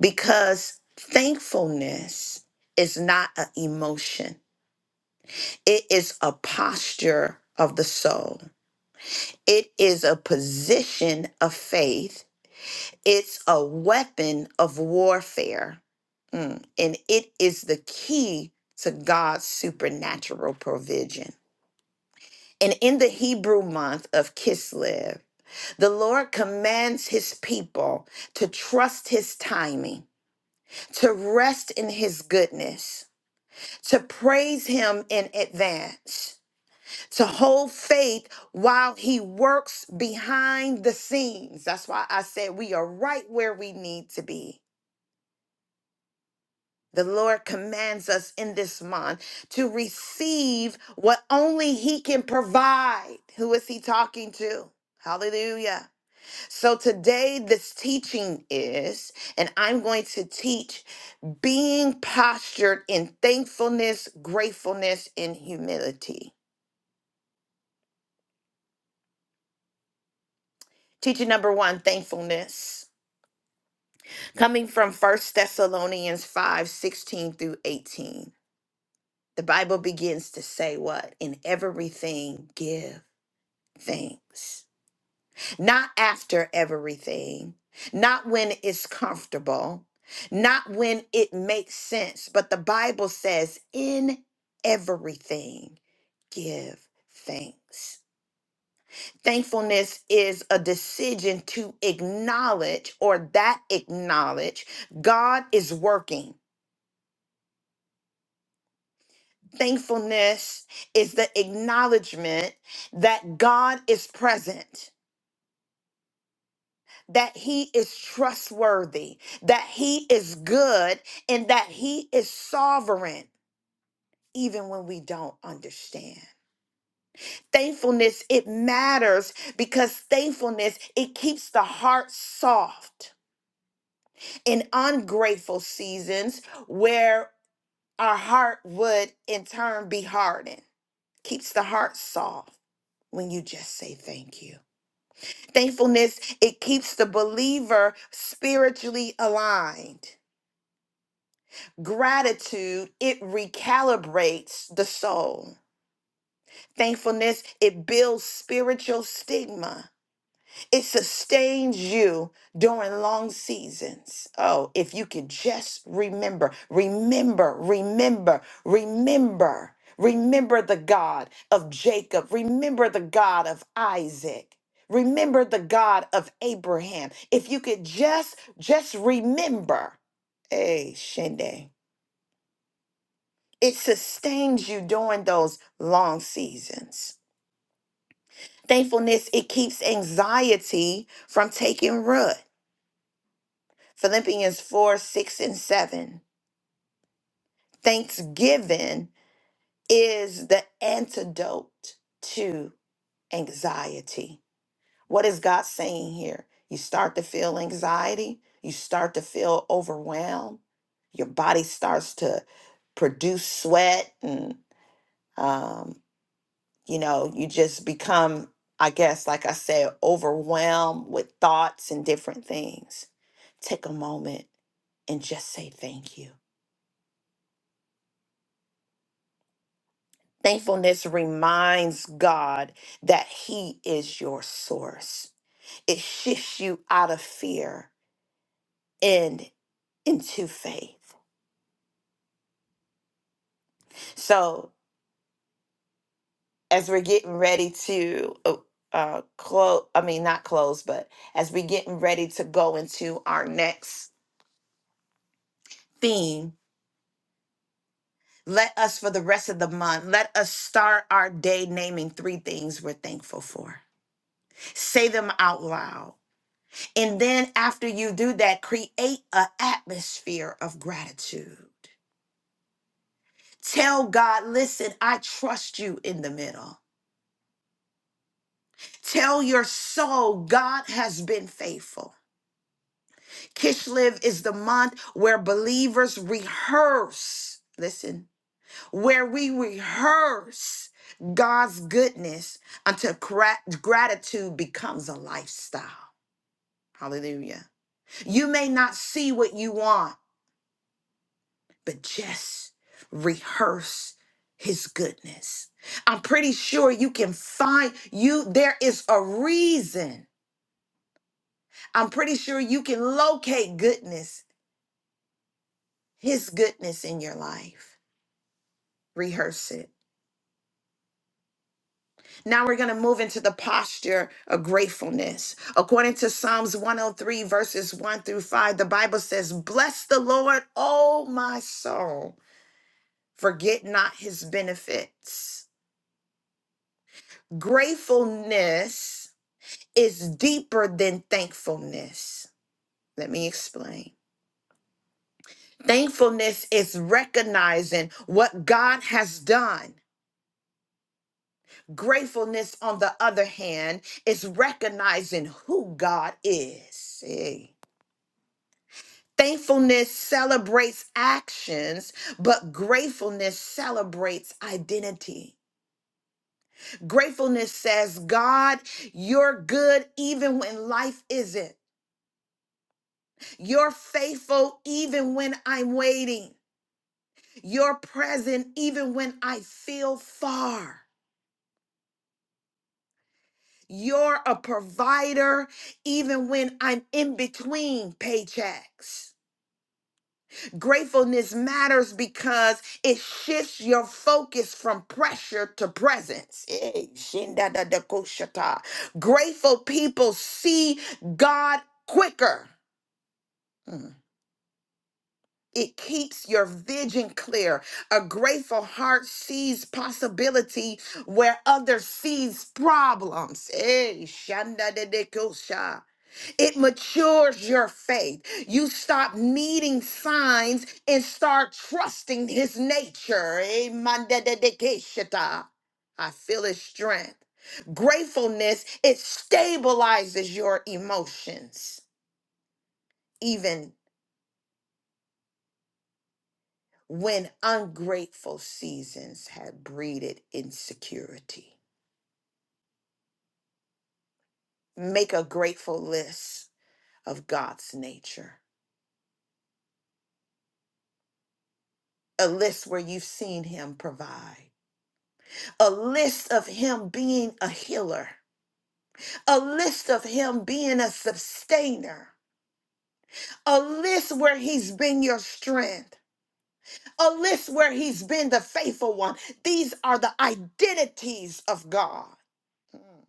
Because thankfulness is not an emotion, it is a posture of the soul, it is a position of faith It's a weapon of warfare, Mm. and it is the key to God's supernatural provision. And in the Hebrew month of Kislev, the Lord commands his people to trust his timing, to rest in his goodness, to praise him in advance, to hold faith while he works behind the scenes. That's why I said we are right where we need to be The Lord commands us in this month to receive what only He can provide. Who is He talking to? Hallelujah. So today, this teaching is, and I'm going to teach being postured in thankfulness, gratefulness, and humility. Teaching number one thankfulness, coming from First Thessalonians 5 16 through 18. The Bible begins to say, What? In everything, give things, not after everything, not when it's comfortable, not when it makes sense, but the Bible says, in everything, give thanks. Thankfulness is a decision to acknowledge or that acknowledge God is working. Thankfulness is the acknowledgement that God is present that he is trustworthy, that he is good, and that he is sovereign, even when we don't understand. Thankfulness, it matters because thankfulness, it keeps the heart soft in ungrateful seasons where our heart would in turn be hardened. Keeps the heart soft when you just say thank you. Thankfulness, it keeps the believer spiritually aligned Gratitude, it recalibrates the soul. Thankfulness, it builds spiritual stigma. It sustains you during long seasons. Oh, if you could just remember, remember, remember, remember, remember the God of Jacob, remember the God of Isaac. Remember the God of Abraham. If you could just just remember, hey, Shende. it sustains you during those long seasons. Thankfulness, it keeps anxiety from taking root. Philippians 4 6 and 7. Thanksgiving is the antidote to anxiety. What is God saying here? You start to feel anxiety, you start to feel overwhelmed, your body starts to produce sweat and um, you know, you just become, I guess, like I said, overwhelmed with thoughts and different things. Take a moment and just say thank you. Thankfulness reminds God that He is your source. It shifts you out of fear and into faith. So, as we're getting ready to uh, uh, close, I mean, not close, but as we're getting ready to go into our next theme, Let us, for the rest of the month, let us start our day naming three things we're thankful for. Say them out loud. And then, after you do that, create an atmosphere of gratitude. Tell God, listen, I trust you in the middle. Tell your soul, God has been faithful. Kishlev is the month where believers rehearse. Listen where we rehearse God's goodness until gra- gratitude becomes a lifestyle. Hallelujah. You may not see what you want, but just rehearse his goodness. I'm pretty sure you can find you there is a reason. I'm pretty sure you can locate goodness, his goodness in your life. Rehearse it. Now we're going to move into the posture of gratefulness. According to Psalms 103, verses 1 through 5, the Bible says, Bless the Lord, O my soul, forget not his benefits. Gratefulness is deeper than thankfulness. Let me explain. Thankfulness is recognizing what God has done. Gratefulness, on the other hand, is recognizing who God is. Hey. Thankfulness celebrates actions, but gratefulness celebrates identity. Gratefulness says, God, you're good even when life isn't. You're faithful even when I'm waiting. You're present even when I feel far. You're a provider even when I'm in between paychecks. Gratefulness matters because it shifts your focus from pressure to presence. Eh, shinda da da ko shata. Grateful people see God quicker. Mm. It keeps your vision clear. A grateful heart sees possibility where others sees problems. Eh, shanda de de ko sha. It matures your faith. You stop needing signs and start trusting his nature. Amen. Dededekeshita. I feel his strength. Gratefulness, it stabilizes your emotions, even when ungrateful seasons have breeded insecurity. Make a grateful list of God's nature, a list where you've seen him provide a list of him being a healer, a list of him being a sustainer, a list where he's been your strength, a list where he's been the faithful one. These are the identities of God. Mm.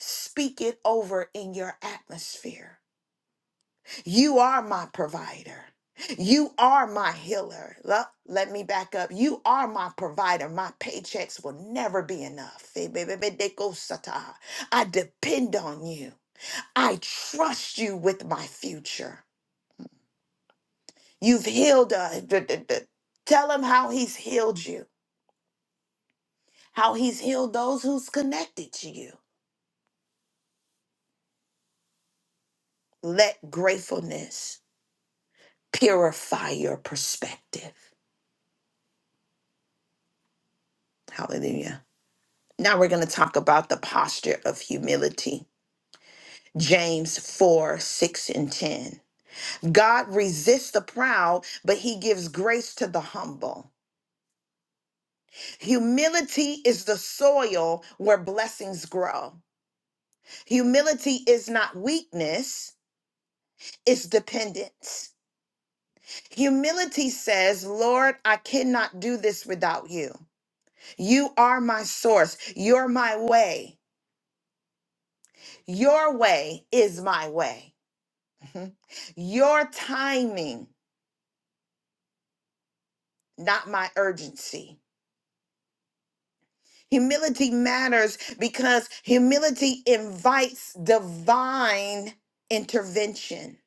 Speak it over in your atmosphere. You are my provider. You are my healer. Lo- Let me back up. You are my provider. My paychecks will never be enough. I depend on you. I trust you with my future. You've healed us. D- d- d- Tell him how he's healed you, how he's healed those who's connected to you. Let gratefulness purify your perspective. Hallelujah. Now we're going to talk about the posture of humility. James 4 6 and 10. God resists the proud, but he gives grace to the humble. Humility is the soil where blessings grow. Humility is not weakness, it's dependence. Humility says, Lord, I cannot do this without you. You are my source. You're my way. Your way is my way. Mhm. Your timing, not my urgency. Humility matters because humility invites divine intervention.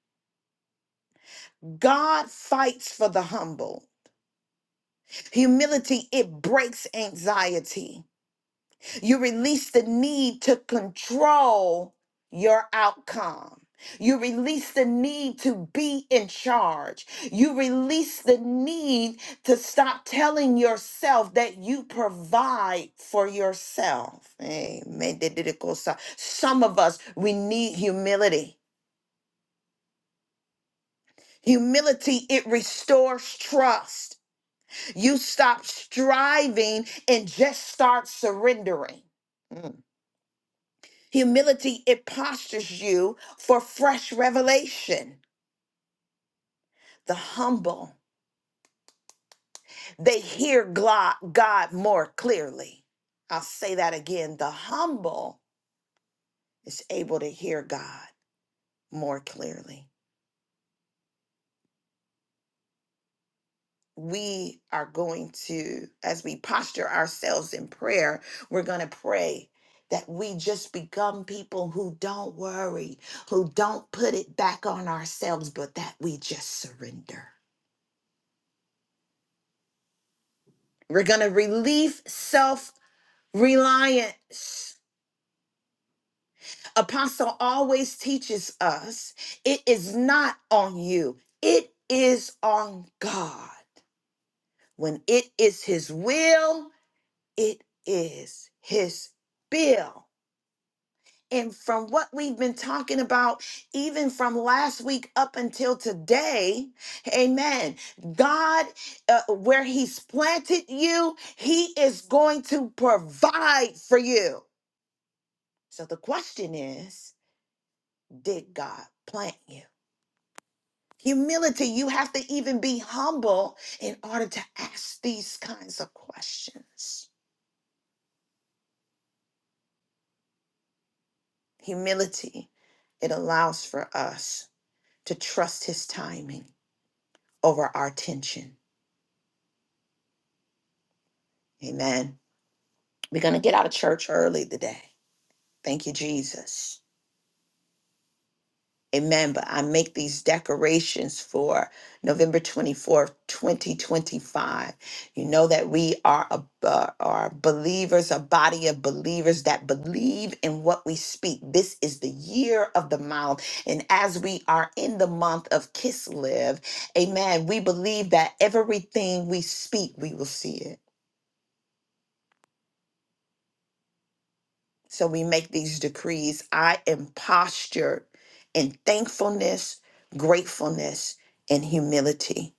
God fights for the humble. Humility, it breaks anxiety. You release the need to control your outcome. You release the need to be in charge. You release the need to stop telling yourself that you provide for yourself. Amen. Some of us, we need humility. Humility, it restores trust. You stop striving and just start surrendering. Mm. Humility, it postures you for fresh revelation. The humble, they hear glo- God more clearly. I'll say that again. The humble is able to hear God more clearly. We are going to, as we posture ourselves in prayer, we're going to pray that we just become people who don't worry, who don't put it back on ourselves, but that we just surrender. We're going to relieve self Reliance. Apostle always teaches us it is not on you, it is on God. When it is His will, it is His bill. And from what we've been talking about, even from last week up until today, amen. God, uh, where He's planted you, He is going to provide for you. So the question is, did God plant you? Humility, you have to even be humble in order to ask these kinds of questions. Humility, it allows for us to trust His timing over our tension. Amen. We're going to get out of church early today. Thank you, Jesus. Amen. But I make these decorations for November 24th, 2025. You know that we are, a, uh, are believers, a body of believers that believe in what we speak. This is the year of the mouth. And as we are in the month of Kiss Live, amen, we believe that everything we speak, we will see it. So we make these decrees. I am postured in thankfulness, gratefulness, and humility.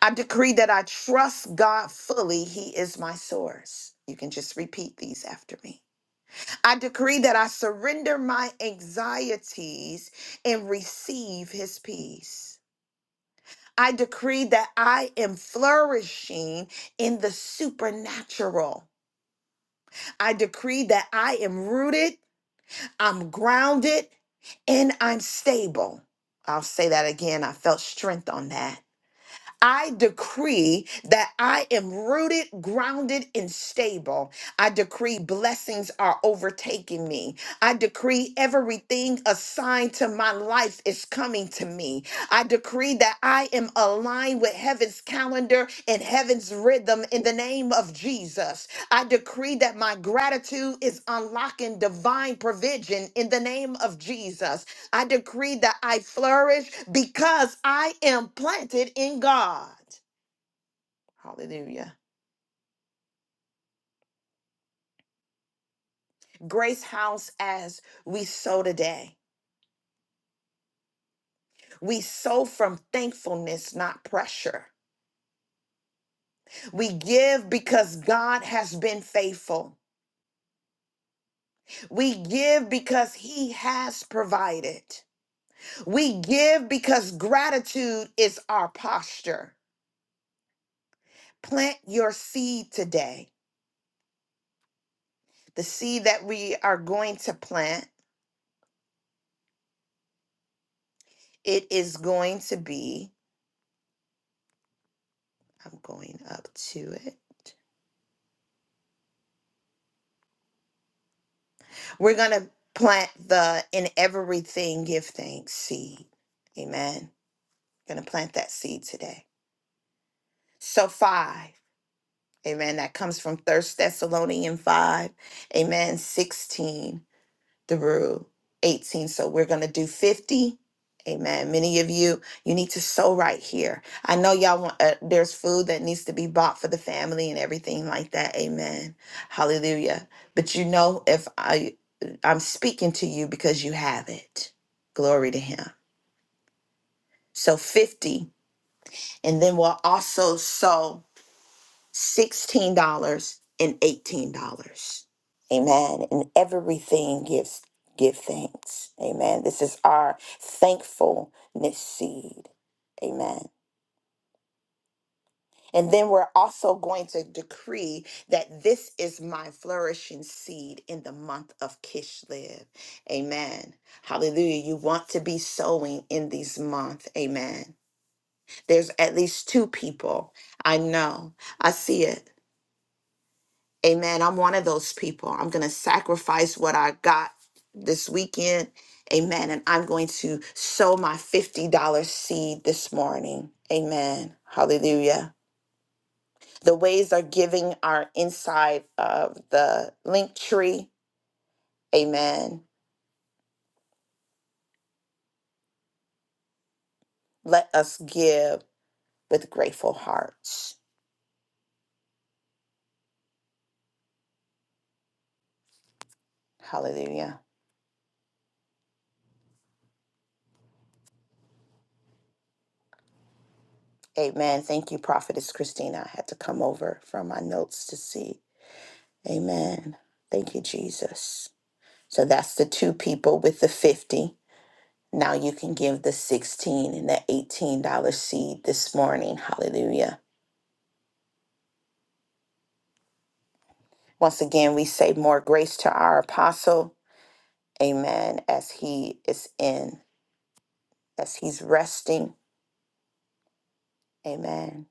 I decree that I trust God fully. He is my source. You can just repeat these after me. I decree that I surrender my anxieties and receive his peace. I decree that I am flourishing in the supernatural. I decree that I am rooted, I'm grounded, and I'm stable. I'll say that again. I felt strength on that. I decree that I am rooted, grounded, and stable. I decree blessings are overtaking me. I decree everything assigned to my life is coming to me. I decree that I am aligned with heaven's calendar and heaven's rhythm in the name of Jesus. I decree that my gratitude is unlocking divine provision in the name of Jesus. I decree that I flourish because I am planted in God. Hallelujah. Grace House, as we sow today, we sow from thankfulness, not pressure. We give because God has been faithful. We give because He has provided. We give because gratitude is our posture. Plant your seed today. The seed that we are going to plant, it is going to be I'm going up to it. We're going to plant the in everything give thanks seed. Amen. Going to plant that seed today. So, five. Amen. That comes from First Thessalonians 5. Amen. 16. through 18. So we're going to do 50. Amen. Many of you, you need to sow right here. I know y'all want, uh, there's food that needs to be bought for the family and everything like that. Amen. Hallelujah. But you know, if I, I'm speaking to you because you have it. Glory to Him. So 50. And then we'll also sow. $16 and $18. Amen. And everything gives give thanks. Amen. This is our thankfulness seed. Amen. And then we're also going to decree that this is my flourishing seed in the month of Kishlev. Amen. Hallelujah. You want to be sowing in these months. Amen. There's at least two people. I know. I see it. Amen. I'm one of those people. I'm going to sacrifice what I got this weekend. Amen. And I'm going to sow my $50 seed this morning. Amen. Hallelujah. The ways are giving are inside of the link tree. Amen. Let us give with grateful hearts. Hallelujah. Amen. Thank you, Prophetess Christina. I had to come over from my notes to see. Amen. Thank you, Jesus. So that's the two people with the 50. Now you can give the 16 and the $18 seed this morning. Hallelujah. Once again, we say more grace to our apostle. Amen. As he is in, as he's resting. Amen.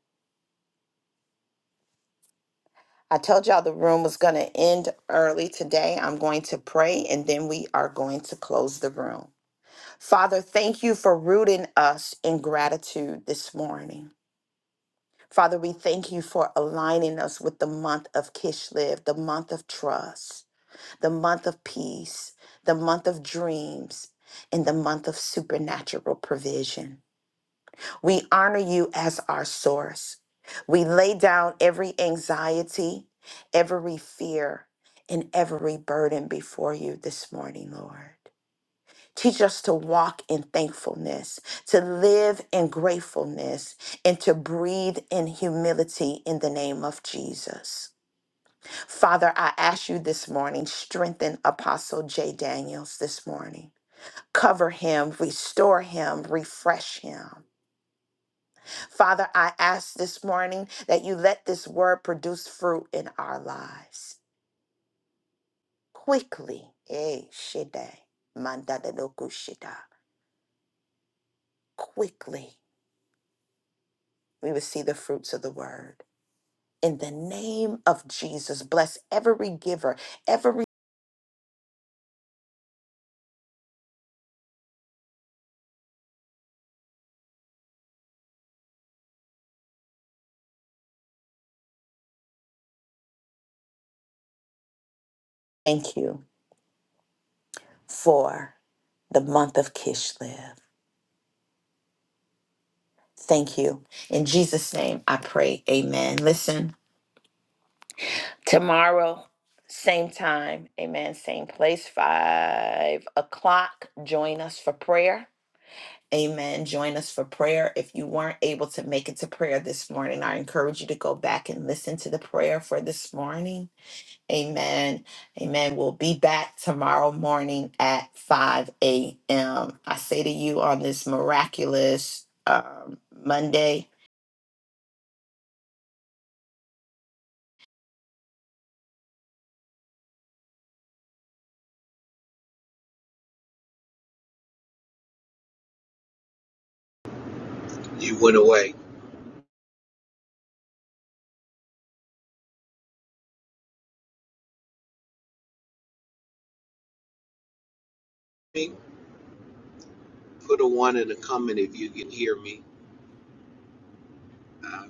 I told y'all the room was going to end early today. I'm going to pray and then we are going to close the room. Father, thank you for rooting us in gratitude this morning. Father, we thank you for aligning us with the month of Kishlev, the month of trust, the month of peace, the month of dreams, and the month of supernatural provision. We honor you as our source. We lay down every anxiety, every fear, and every burden before you this morning, Lord. Teach us to walk in thankfulness, to live in gratefulness, and to breathe in humility in the name of Jesus. Father, I ask you this morning, strengthen Apostle J. Daniels this morning. Cover him, restore him, refresh him. Father, I ask this morning that you let this word produce fruit in our lives quickly. Eh, shida, mandadaloku shida. Quickly we would see the fruits of the word. In the name of Jesus, bless every giver, every thank you for the month of Kishlev. Thank you. In Jesus' name, I pray. Amen. Listen, tomorrow, same time, amen, same place, five o'clock. Join us for prayer. Amen. Join us for prayer. If you weren't able to make it to prayer this morning, I encourage you to go back and listen to the prayer for this morning. Amen. Amen. We'll be back tomorrow morning at 5 a.m. I say to you on this miraculous um, Monday, You went away. Me? Put a one in the comment if you can hear me. Um,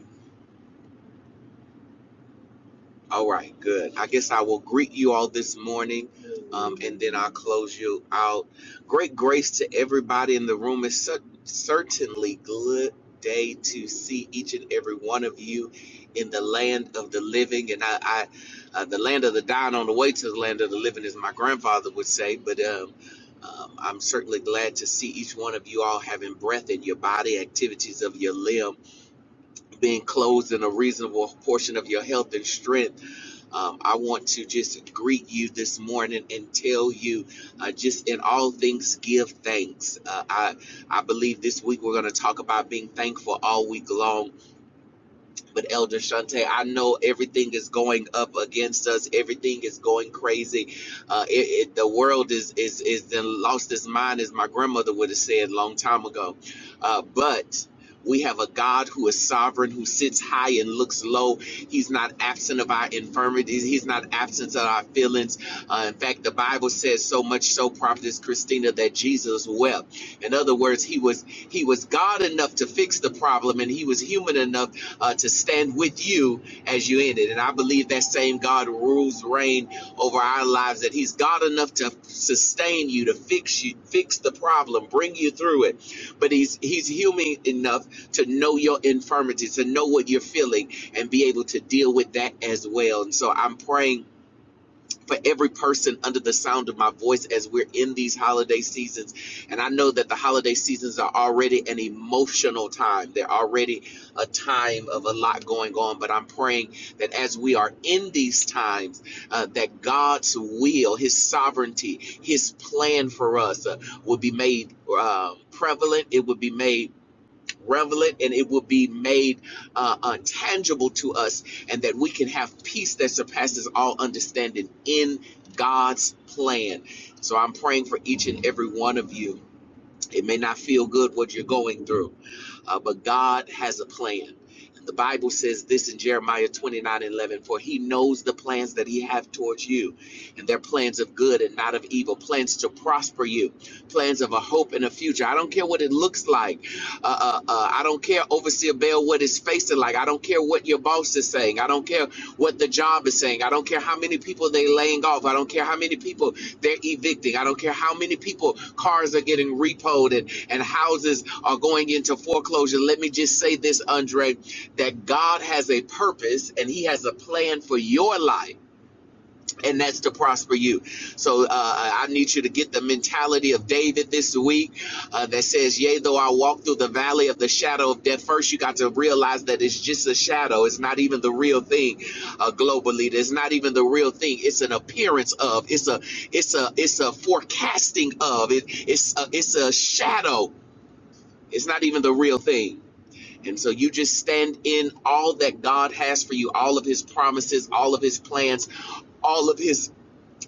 All right, good. I guess I will greet you all this morning um, and then I'll close you out. Great grace to everybody in the room. It's cer- certainly good day to see each and every one of you in the land of the living. And I, I uh, the land of the dying on the way to the land of the living, as my grandfather would say. But um, um, I'm certainly glad to see each one of you all having breath in your body, activities of your limb, being clothed in a reasonable portion of your health and strength um, I want to just greet you this morning and tell you uh, just in all things, give thanks. Uh, I, I believe this week we're going to talk about being thankful all week long but Elder Shante, I know everything is going up against us. Everything is going crazy. Uh, it, it, the world is is is then lost its mind, as my grandmother would have said a long time ago. Uh, but we have a God who is sovereign, who sits high and looks low. He's not absent of our infirmities. He's not absent of our feelings. Uh, in fact, the Bible says so much so, Prophetess Christina, that Jesus wept. In other words, he was he was God enough to fix the problem, and he was human enough uh, to stand with you as you end it. And I believe that same God rules reign over our lives, that He's God enough to sustain you, to fix you, fix the problem, bring you through it. But He's He's human enough to know your infirmity, to know what you're feeling, and be able to deal with that as well. And so I'm praying for every person under the sound of my voice as we're in these holiday seasons. And I know that the holiday seasons are already an emotional time, they're already a time of a lot going on. But I'm praying that as we are in these times, uh, that God's will, His sovereignty, His plan for us uh, will be made um prevalent, it will be made revel and it will be made uh, uh, tangible to us and that we can have peace that surpasses all understanding in god's plan so i'm praying for each and every one of you it may not feel good what you're going through, uh, but God has a plan. the Bible says this in Jeremiah 29 and 11 For he knows the plans that he have towards you, and they're plans of good and not of evil, plans to prosper you, plans of a hope and a future. I don't care what it looks like. Uh, uh, uh, I don't care, Overseer Bell, what it's facing like. I don't care what your boss is saying. I don't care what the job is saying. I don't care how many people they laying off. I don't care how many people they're evicting. I don't care how many people, cars are getting repoed and, and houses are going into foreclosure. Let me just say this, Andre, that God has a purpose and He has a plan for your life and that's to prosper you. So uh, I need you to get the mentality of David this week uh, that says, Yea, though I walk through the valley of the shadow of death. First, you got to realize that it's just a shadow. It's not even the real thing uh, globally. It's not even the real thing. It's an appearance of. It's a. It's a. It's a forecasting of. It. It's a. It's a shadow. It's not even the real thing. And so you just stand in all that God has for you, all of his promises, all of his plans, all of his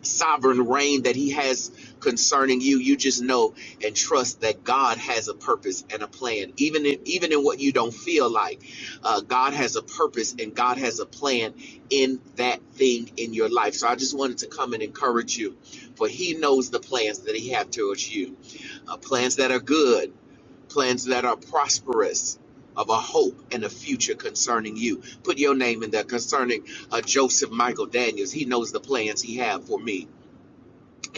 sovereign reign that he has concerning you you just know and trust that god has a purpose and a plan even in even in what you don't feel like uh, god has a purpose and god has a plan in that thing in your life so i just wanted to come and encourage you for he knows the plans that he have towards you uh, plans that are good plans that are prosperous of a hope and a future concerning you. Put your name in there concerning uh, Joseph Michael Daniels. He knows the plans he have for me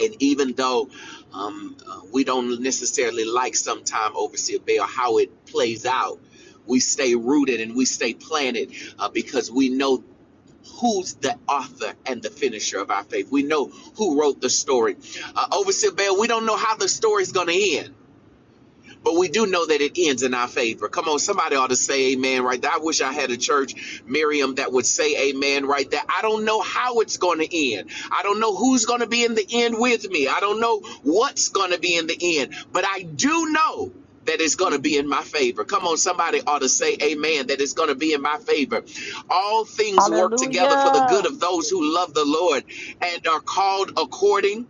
and even though um, uh, we don't necessarily like sometime Overseer Bell how it plays out, we stay rooted and we stay planted uh, because we know who's the author and the finisher of our faith. We know who wrote the story. Uh, Overseer Bell, we don't know how the story's going to end. But we do know that it ends in our favor. Come on, somebody ought to say amen right there. I wish I had a church, Miriam, that would say amen right there. I don't know how it's going to end. I don't know who's going to be in the end with me. I don't know what's going to be in the end. But I do know that it's going to be in my favor. Come on, somebody ought to say amen, that it's going to be in my favor. All things work together for the good of those who love the Lord and are called according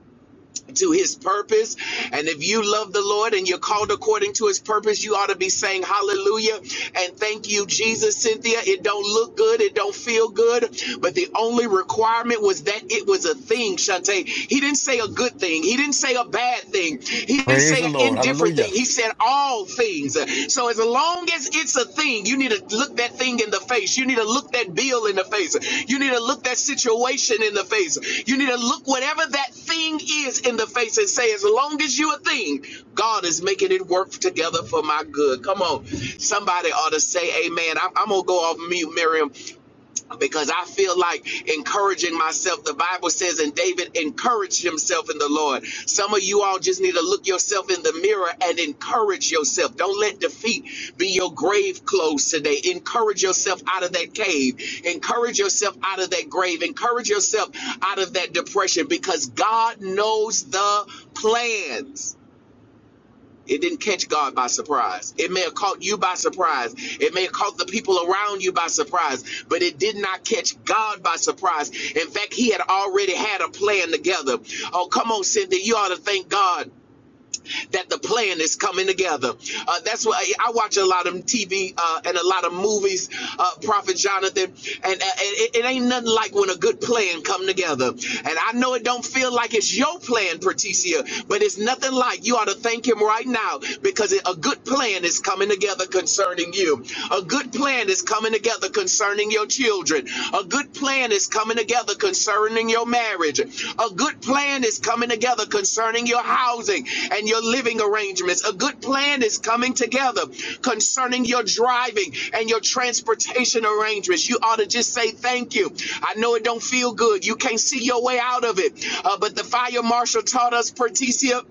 to his purpose. And if you love the Lord and you're called according to his purpose, you ought to be saying hallelujah and thank you, Jesus, Cynthia. It don't look good, it don't feel good, but the only requirement was that it was a thing, Shante. He didn't say a good thing, he didn't say a bad thing, he didn't Praise say the an Lord. indifferent Hallelujah. thing. He said all things things. So as long as it's a thing, you need to look that thing in the face. You need to look that bill in the face. You need to look that situation in the face. You need to look whatever that thing is in the face and say, as long as you a thing, God is making it work together for my good. Come on. Somebody ought to say amen. I'm, I'm going to go off mute, Miriam because I feel like encouraging myself. The Bible says, and David encouraged himself in the Lord. Some of you all just need to look yourself in the mirror and encourage yourself. Don't let defeat be your grave clothes today. Encourage yourself out of that cave. Encourage yourself out of that grave. Encourage yourself out of that depression because God knows the plans. It didn't catch God by surprise. It may have caught you by surprise. It may have caught the people around you by surprise, but it did not catch God by surprise. In fact, He had already had a plan together. Oh, come on, Cindy. You ought to thank God that the plan is coming together. Uh, that's why I, I watch a lot of TV uh, and a lot of movies, uh, Prophet Jonathan, and, uh, and it, it ain't nothing like when a good plan come together. And I know it don't feel like it's your plan, Patricia, but it's nothing like you ought to thank him right now because it, a good plan is coming together concerning you. A good plan is coming together concerning your children children. A good plan is coming together concerning your marriage. A good plan is coming together concerning your housing and your living arrangements. A good plan is coming together concerning your driving and your transportation arrangements. You ought to just say thank you. I know it don't feel good. You can't see your way out of it. Uh, but the fire marshal taught us, Patricia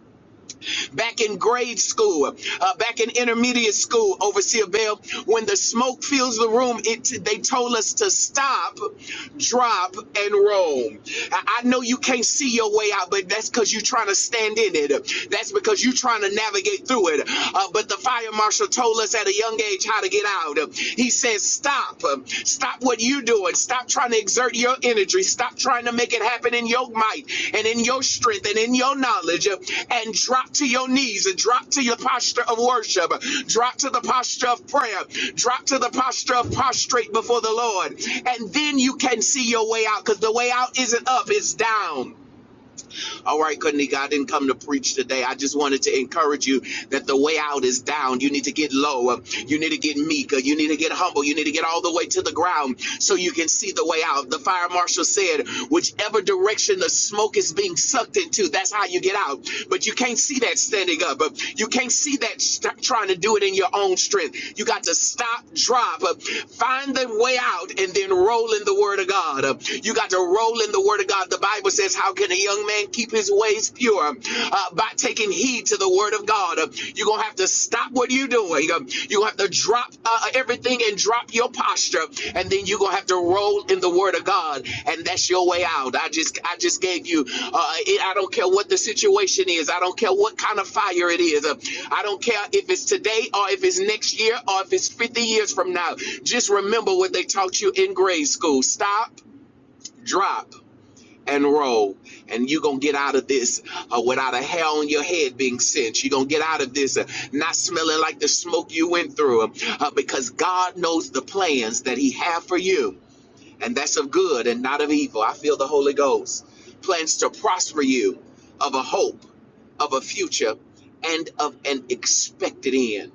back in grade school, uh, back in intermediate school, Overseer Bell, when the smoke fills the room, it they told us to stop, drop, and roll. I, I know you can't see your way out, but that's because you're trying to stand in it. That's because you're trying to navigate through it. Uh, but the fire marshal told us at a young age how to get out. He says Stop. Um, Stop what you're doing. Stop trying to exert your energy. Stop trying to make it happen in your might and in your strength and in your knowledge. uh, And drop to your knees and drop to your posture of worship. Drop to the posture of prayer. Drop to the posture of prostrate before the Lord. And then you can see your way out because the way out isn't up, it's down. All right, Kanika, I didn't come to preach today. I just wanted to encourage you that the way out is down. You need to get lower. You need to get meek. You need to get humble. You need to get all the way to the ground so you can see the way out. The fire marshal said, whichever direction the smoke is being sucked into, that's how you get out. But you can't see that standing up. You can't see that st- trying to do it in your own strength. You got to stop, drop, find the way out, and then roll in the word of God. You got to roll in the word of God. Uh, The Bible says, How can a young man keep his ways pure? Uh, by taking heed to the word of God. Uh, You're going to have to stop what you're doing. Um, You're going to have to drop uh, everything and drop your posture. And then you're going to have to roll in the word of God. And that's your way out. I just I just gave you, uh, it, I don't care what the situation is. I don't care what kind of fire it is. Uh, I don't care if it's today or if it's next year or if it's 50 years from now. Just remember what they taught you in grade school. Stop, drop and roll and you're gonna get out of this uh, without a hair on your head being singed. you're gonna get out of this uh, not smelling like the smoke you went through uh, uh, because god knows the plans that he have for you and that's of good and not of evil i feel the holy ghost plans to prosper you of a hope of a future and of an expected end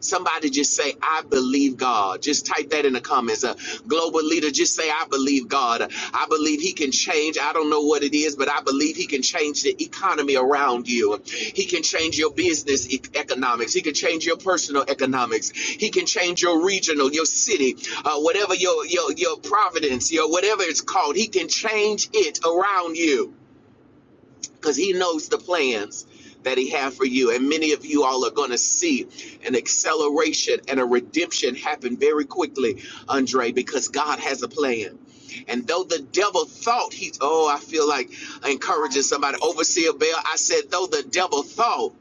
Somebody just say, I believe God. Just type that in the comments. A global leader, just say, I believe God. I believe He can change. I don't know what it is, but I believe He can change the economy around you. He can change your business e- economics. He can change your personal economics. He can change your regional, your city, uh, whatever your, your, your providence, your whatever it's called. He can change it around you because he knows the plans that he has for you and many of you all are going to see an acceleration and a redemption happen very quickly andre because god has a plan and though the devil thought he oh i feel like encouraging somebody overseer bell i said though the devil thought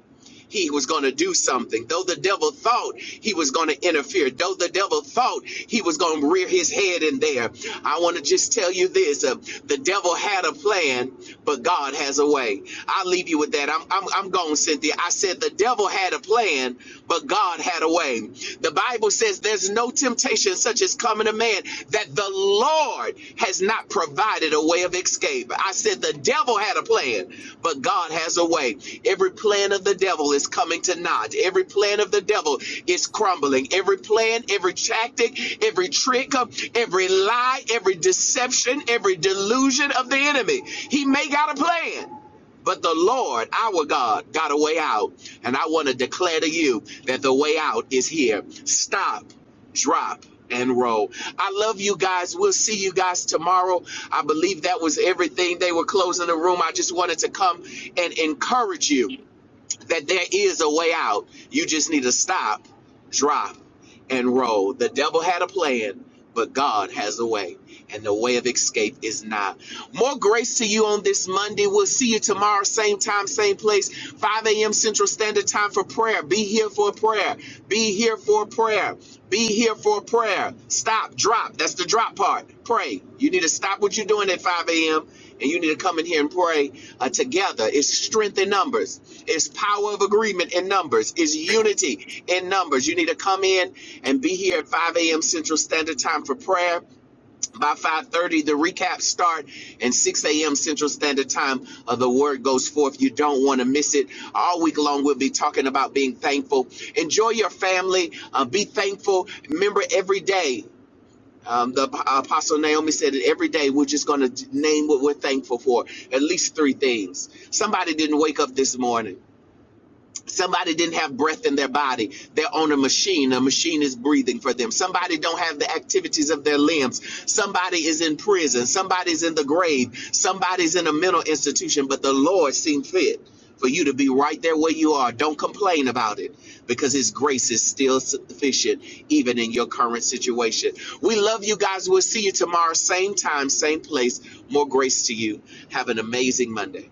he was going to do something. Though the devil thought he was going to interfere. Though the devil thought he was going to rear his head in there. I want to just tell you this. Uh, the devil had a plan, but God has a way. I'll leave you with that. I'm, I'm, I'm gone, Cynthia. I said the devil had a plan, but God had a way. The Bible says there's no temptation such as coming of man that the Lord has not provided a way of escape. I said the devil had a plan, but God has a way. Every plan of the devil is coming to naught. Every plan of the devil is crumbling. Every plan, every tactic, every trick, uh, every lie, every deception, every delusion of the enemy. He may got a plan. But the Lord, our God, got a way out. And I want to declare to you that the way out is here. Stop drop and roll. I love you guys. We'll see you guys tomorrow. I believe that was everything. They were closing the room. I just wanted to come and encourage you that there is a way out. You just need to stop, drop, and roll. The devil had a plan, but God has a way. And the way of escape is not. More grace to you on this Monday. We'll see you tomorrow, same time, same place, 5 a.m. Central Standard Time for prayer. Be here for a prayer. Be here for a prayer. Be here for prayer. Stop, drop. That's the drop part. Pray. You need to stop what you're doing at 5 a.m. and you need to come in here and pray uh, together. It's strength in numbers, it's power of agreement in numbers, it's unity in numbers. You need to come in and be here at 5 a.m. Central Standard Time for prayer. By 5:30, the recaps start, and 6 a.m. Central Standard Time, uh, the word goes forth. You don't want to miss it. All week long, we'll be talking about being thankful. Enjoy your family. Uh, be thankful. Remember every day. Um, the Apostle Naomi said it every day. We're just going to name what we're thankful for. At least three things. Somebody didn't wake up this morning. Somebody didn't have breath in their body. They're on a machine. A machine is breathing for them. Somebody don't have the activities of their limbs. Somebody is in prison. Somebody's in the grave. Somebody's in a mental institution. But the Lord seemed fit for you to be right there where you are. Don't complain about it because His grace is still sufficient, even in your current situation. We love you guys. We'll see you tomorrow, same time, same place. More grace to you. Have an amazing Monday.